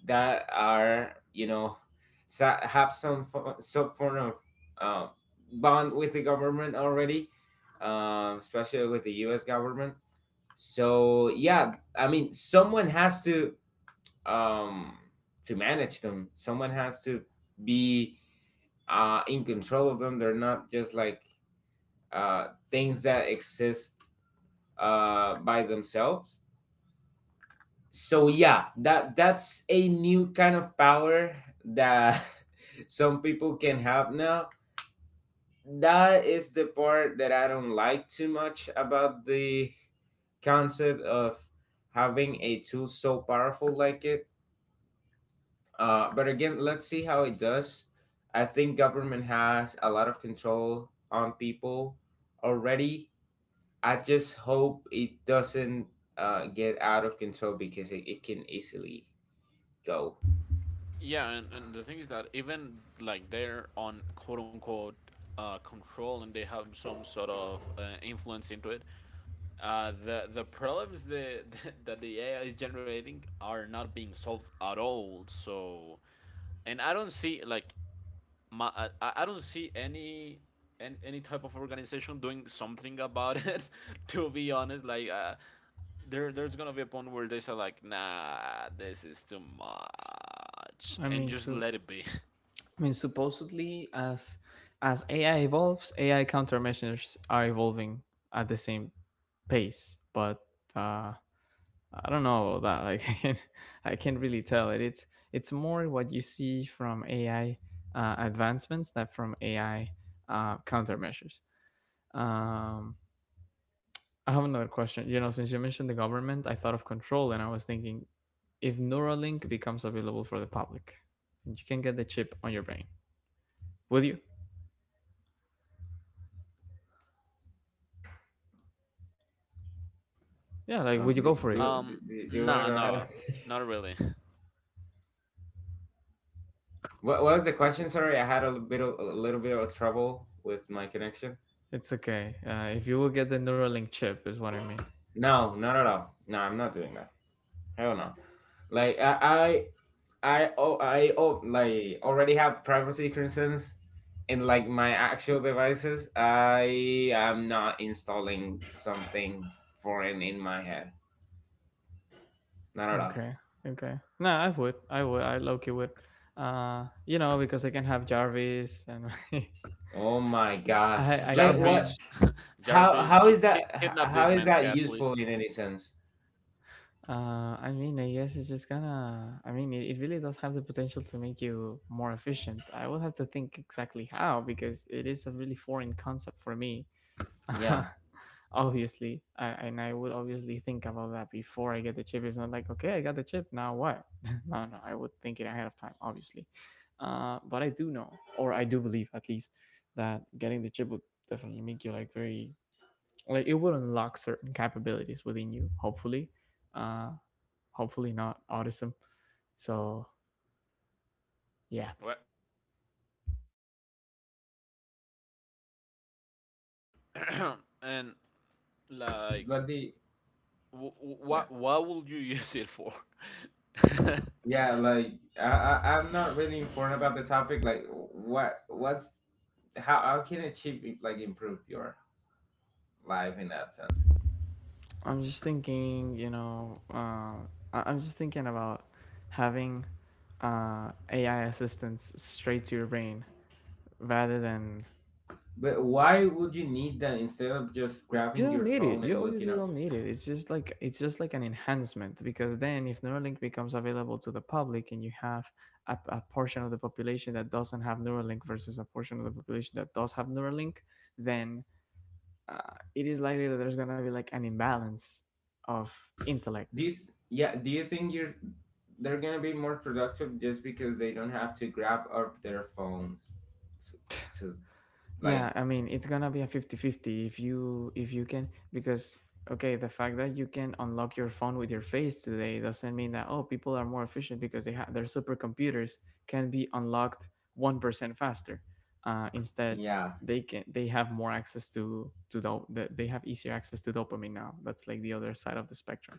Speaker 3: that are, you know, have some form of uh, bond with the government already, especially with the U.S. government. So yeah, I mean, someone has um, to manage them. Someone has to be in control of them. They're not just like things that exist by themselves. So yeah, that that's a new kind of power that some people can have now. That is the part that I don't like too much about the concept of having a tool so powerful like it. But again, let's see how it does. I think government has a lot of control on people already. I just hope it doesn't get out of control, because it can easily go.
Speaker 2: Yeah, and the thing is that even like they're on quote unquote control and they have some sort of influence into it. The problems the, that the AI is generating are not being solved at all. So, and I don't see like my, I don't see any type of organization doing something about it to be honest, like there's gonna be a point where they say like nah, this is too
Speaker 1: I
Speaker 2: much,
Speaker 1: mean,
Speaker 2: and just
Speaker 1: so
Speaker 2: let it be.
Speaker 1: I mean, supposedly, as AI evolves, AI countermeasures are evolving at the same pace. But uh, I don't know about that. Like, I can't really tell it. It's more what you see from AI advancements than from AI countermeasures. Um, I have another question. You know, since you mentioned the government, I thought of control, and I was thinking if Neuralink becomes available for the public, and you can get the chip on your brain, would you? Yeah, like would you go for it?
Speaker 2: um
Speaker 3: Do you want to
Speaker 2: no,
Speaker 3: go ahead?
Speaker 2: no, not really.
Speaker 3: What was the question? Sorry, I had a little bit of, a little bit of trouble with my connection.
Speaker 1: It's okay. If you will get the Neuralink chip, is what I mean.
Speaker 3: No, not at all. No, I'm not doing that. I don't know. Like I oh like already have privacy concerns in like my actual devices. I am not installing something foreign in my head. Not at all.
Speaker 1: Okay. Okay. No, I would. I would. I low key would. You know, because I can have Jarvis and
Speaker 3: Oh my god.
Speaker 1: I I
Speaker 3: Like
Speaker 1: can have.
Speaker 3: what,
Speaker 2: Jarvis. Jarvis,
Speaker 3: how is that
Speaker 2: kidnap
Speaker 3: how
Speaker 2: this
Speaker 3: is
Speaker 2: man's
Speaker 3: that
Speaker 2: cat please.
Speaker 3: useful in any sense?
Speaker 1: I mean, I guess it's just gonna. I mean, it really does have the potential to make you more efficient. I will have to think exactly how, because it is a really foreign concept for me.
Speaker 3: Yeah.
Speaker 1: Obviously, I would obviously think about that before I get the chip. It's not like, okay, I got the chip, now what? No, I would think it ahead of time obviously. But I do know, or I do believe at least, that getting the chip would definitely make you like very, like it would unlock certain capabilities within you, hopefully. uh Hopefully not autism. So yeah.
Speaker 2: What? And like
Speaker 3: But the yeah.
Speaker 2: what will you use it for?
Speaker 3: Yeah, like I I'm not really informed about the topic. Like what what's how can it cheap like improve your live in that sense.
Speaker 1: i'm just thinking you know uh I- I'm just thinking about having AI assistants straight to your brain rather than
Speaker 3: But why would you need that instead of just grabbing your phone
Speaker 1: you
Speaker 3: and looking
Speaker 1: obviously
Speaker 3: up?
Speaker 1: don't need it. It's just like, an enhancement, because then if Neuralink becomes available to the public and you have a portion of the population that doesn't have Neuralink versus a portion of the population that does have Neuralink, then uh, it is likely that there's going to be like an imbalance of intellect.
Speaker 3: Yeah, do you think you're they're gonna be more productive just because they don't have to grab up their phones to, to
Speaker 1: Yeah,
Speaker 3: like
Speaker 1: I mean it's gonna be a 50-50. If you, if you can, because okay, the fact that you can unlock your phone with your face today doesn't mean that, oh, people are more efficient because they have their supercomputers can be unlocked 1% faster. Instead,
Speaker 3: yeah,
Speaker 1: they have more access they have easier access to dopamine now. That's like the other side of the spectrum.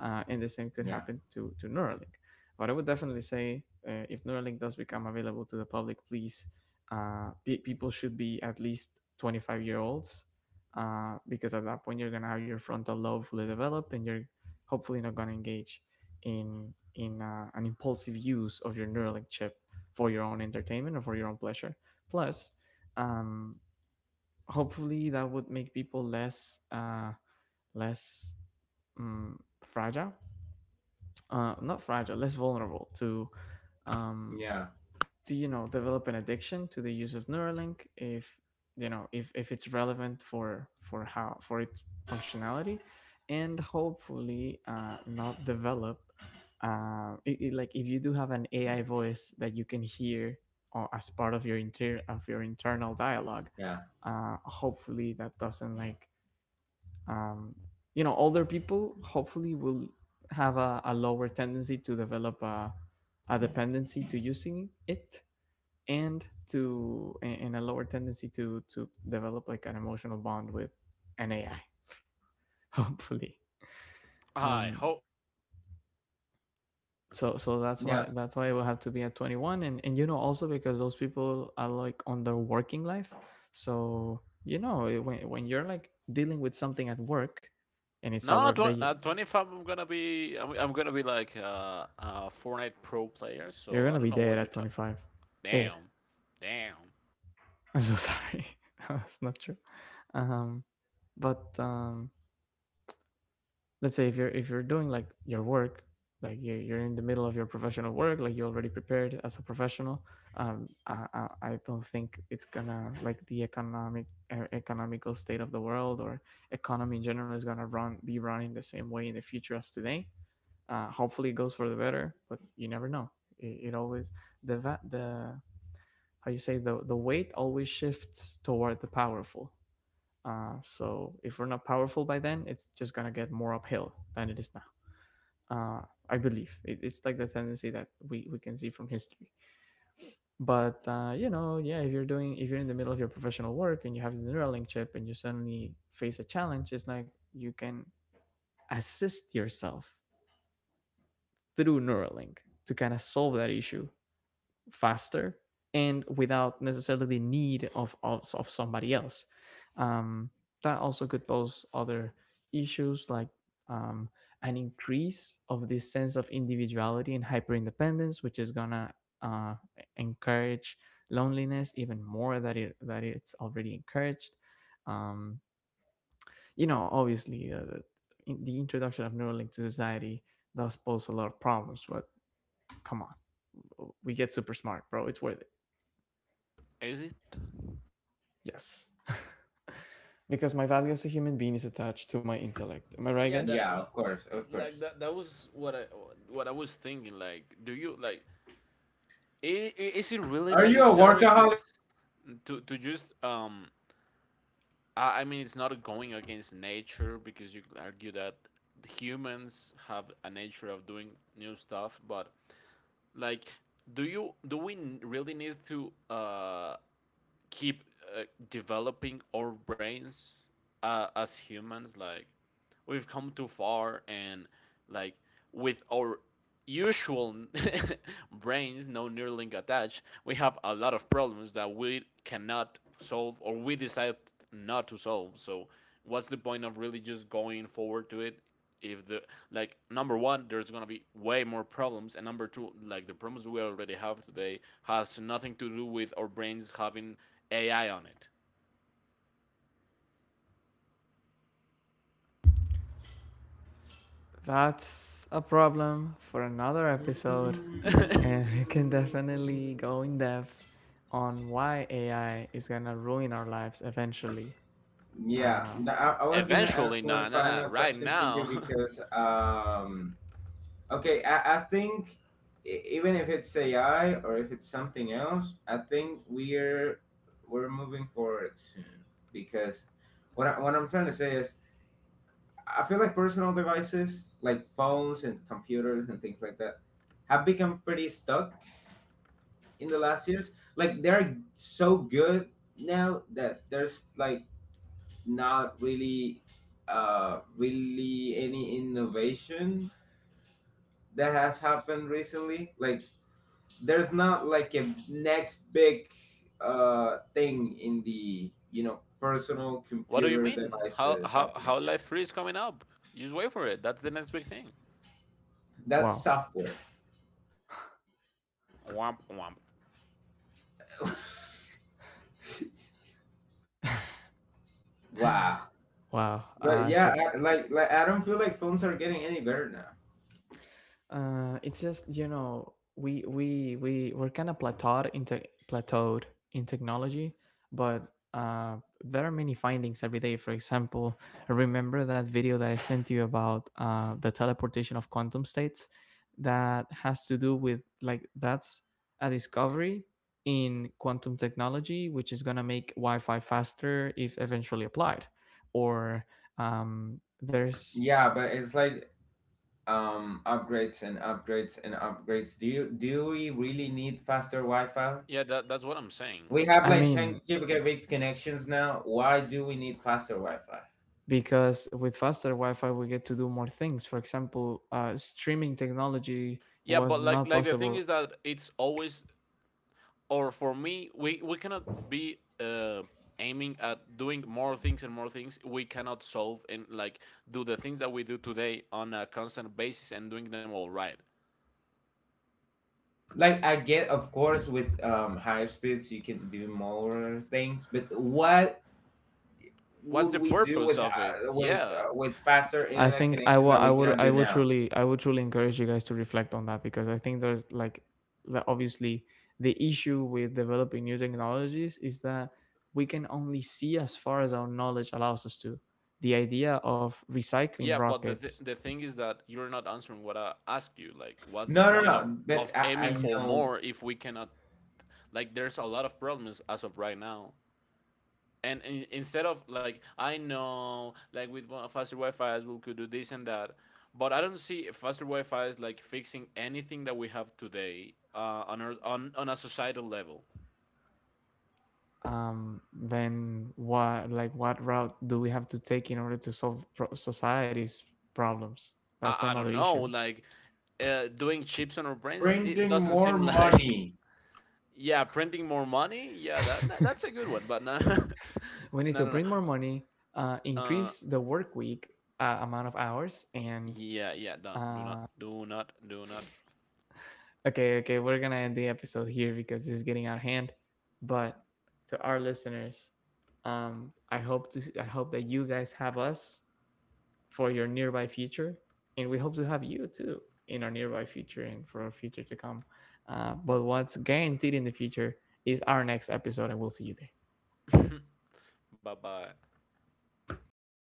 Speaker 1: And the same could
Speaker 3: yeah,
Speaker 1: happen to Neuralink. But I would definitely say, if Neuralink does become available to the public, please, people should be at least 25-year olds, because at that point you're gonna have your frontal lobe fully developed, and you're hopefully not gonna engage in an impulsive use of your Neuralink chip for your own entertainment or for your own pleasure. Plus, um, hopefully that would make people less less fragile, not fragile, less vulnerable to um,
Speaker 3: yeah,
Speaker 1: to, you know, develop an addiction to the use of Neuralink if, you know, if it's relevant for how for its functionality, and hopefully not develop like if you do have an AI voice that you can hear or as part of your internal dialogue,
Speaker 3: yeah,
Speaker 1: hopefully that doesn't like um, you know, older people hopefully will have a lower tendency to develop a dependency to using it, and to and a lower tendency to develop like an emotional bond with an AI, hopefully.
Speaker 2: I
Speaker 1: Um,
Speaker 2: hope.
Speaker 1: so
Speaker 3: yeah,
Speaker 1: that's why it will have to be at 21, and, you know, also because those people are like on their working life. So, you know, when you're like dealing with something at work and it's a
Speaker 2: No,
Speaker 1: work that you,
Speaker 2: not 25. I'm gonna be. I'm gonna be like a Fortnite pro player.
Speaker 1: you're
Speaker 2: So I
Speaker 1: gonna
Speaker 2: don't
Speaker 1: be
Speaker 2: know
Speaker 1: dead
Speaker 2: what you're
Speaker 1: at
Speaker 2: talking.
Speaker 1: 25. Dead.
Speaker 2: Damn, damn.
Speaker 1: I'm so sorry. That's not true. Um but um let's say if you're, doing like your work, like you're in the middle of your professional work, like you already prepared as a professional. I don't think it's gonna like the economic economical state of the world, or economy in general, is gonna run be running the same way in the future as today. Hopefully it goes for the better, but you never know. It always, the va- the how you say, the weight always shifts toward the powerful. So if we're not powerful by then, it's just gonna get more uphill than it is now. uh, I believe it's like the tendency that we can see from history. But you know, yeah, if you're doing, if you're in the middle of your professional work and you have the Neuralink chip and you suddenly face a challenge, it's like you can assist yourself through Neuralink to kind of solve that issue faster, and without necessarily the need of of somebody else. Um, that also could pose other issues, like um, an increase of this sense of individuality and hyper independence, which is gonna uh, encourage loneliness even more that it's already encouraged. Um, you know, obviously, introduction of Neuralink to society does pose a lot of problems, but come on, we get super smart, bro. It's worth it.
Speaker 2: Is it?
Speaker 1: Yes. Because my value as a human being is attached to my intellect. Am I right,
Speaker 2: Yeah,
Speaker 1: guys?
Speaker 2: that,
Speaker 3: yeah, of course, of
Speaker 2: like
Speaker 3: course.
Speaker 2: that. That was what I, what I was thinking. Like, do you like? Is it really
Speaker 3: Are you a
Speaker 2: necessary to
Speaker 3: workaholic?
Speaker 2: to just um? I mean, it's not going against nature because you could argue that humans have a nature of doing new stuff, but like, do you do we really need to keep uh, developing our brains as humans? Like, we've come too far, and like with our usual brains, no neuralink attached, we have a lot of problems that we cannot solve or we decide not to solve. So what's the point of really just going forward to it if the, like number one there's gonna be way more problems, and number two like the problems we already have today has nothing to do with our brains having AI on it.
Speaker 1: That's a problem for another episode. And I can definitely go in depth on why AI is gonna ruin our lives eventually.
Speaker 3: Yeah,
Speaker 1: Uh,
Speaker 3: I was gonna
Speaker 2: Eventually?
Speaker 3: ask one
Speaker 2: Nah, nah, nah,
Speaker 3: final
Speaker 2: right
Speaker 3: question to you
Speaker 2: now.
Speaker 3: because um. Okay, I think even if it's AI or if it's something else, I think we're moving forward soon, because what I'm trying to say is I feel like personal devices like phones and computers and things like that have become pretty stuck in the last years. Like they're so good now that there's like not really really any innovation that has happened recently. Like there's not like a next big thing in the, you know, personal
Speaker 2: What do you
Speaker 3: computer
Speaker 2: mean? How
Speaker 3: devices happening right
Speaker 2: life free is coming up? You just wait for it. That's the next big thing.
Speaker 3: now. That's
Speaker 1: wow.
Speaker 3: software.
Speaker 2: Womp womp.
Speaker 3: Wow.
Speaker 1: Wow.
Speaker 3: But
Speaker 1: I
Speaker 3: yeah,
Speaker 1: think
Speaker 3: like I don't feel like phones are getting any better now.
Speaker 1: It's just, you know, we're kind of plateaued in technology, but uh, there are many findings every day. For example, remember that video that I sent you about the teleportation of quantum states, that has to do with like, that's a discovery in quantum technology which is going to make Wi-Fi faster if eventually applied, or there's
Speaker 3: Yeah, but it's like upgrades and upgrades and upgrades. Do you, do we really need faster wi-fi?
Speaker 2: Yeah, that, that's what I'm saying.
Speaker 3: We have
Speaker 1: I
Speaker 3: like 10
Speaker 1: mean,
Speaker 3: gigabit connections now. Why do we need faster wi-fi?
Speaker 1: because with faster Wi-Fi we get to do more things. For example, streaming technology
Speaker 2: Yeah, but
Speaker 1: was not
Speaker 2: like the thing
Speaker 1: possible.
Speaker 2: is that it's always, or for me we cannot be aiming at doing more things and more things. We cannot solve and like do the things that we do today on a constant basis and doing them all right.
Speaker 3: Like I get, of course, with higher speeds you can do more things, but what
Speaker 2: What's
Speaker 3: would
Speaker 2: the
Speaker 3: we do
Speaker 2: purpose
Speaker 3: with
Speaker 2: of it? Yeah.
Speaker 3: with faster internet connection that
Speaker 1: I
Speaker 3: we
Speaker 1: would,
Speaker 3: cannot do now?
Speaker 1: I would truly encourage you guys to reflect on that, because I think there's like obviously the issue with developing new technologies is that we can only see as far as our knowledge allows us to. The idea of recycling
Speaker 2: Yeah, but
Speaker 1: rockets.
Speaker 2: the thing is that you're not answering what I asked you. Like, what's the
Speaker 3: No, no,
Speaker 2: point
Speaker 3: no. But
Speaker 2: of aiming
Speaker 3: I
Speaker 2: for
Speaker 3: know.
Speaker 2: more if we cannot? Like, there's a lot of problems as of right now. And in, instead of like, I know, like with one- faster Wi-Fi, we could do this and that, but I don't see faster Wi-Fi is like fixing anything that we have today on our, on a societal level.
Speaker 1: Then what, like what route do we have to take in order to solve society's problems? That's
Speaker 2: I
Speaker 1: another
Speaker 2: don't know,
Speaker 1: issue.
Speaker 2: like. Doing chips on our brains, it
Speaker 3: Printing
Speaker 2: doesn't
Speaker 3: more
Speaker 2: seem like.
Speaker 3: money.
Speaker 2: Yeah, printing more money. Yeah, that's a good one. But no,
Speaker 1: We need
Speaker 2: no, no,
Speaker 1: to
Speaker 2: no.
Speaker 1: print more money,
Speaker 2: Uh,
Speaker 1: increase the work week amount of hours, and
Speaker 2: yeah, yeah. Don't do
Speaker 1: uh,
Speaker 2: not do not do not.
Speaker 1: okay, okay, we're gonna end the episode here because this is getting out of hand. But to our listeners, I hope to, I hope that you guys have us for your nearby future. And we hope to have you too in our nearby future and for our future to come. But what's guaranteed in the future is our next episode, and we'll see you there.
Speaker 2: Bye bye.
Speaker 3: Bye.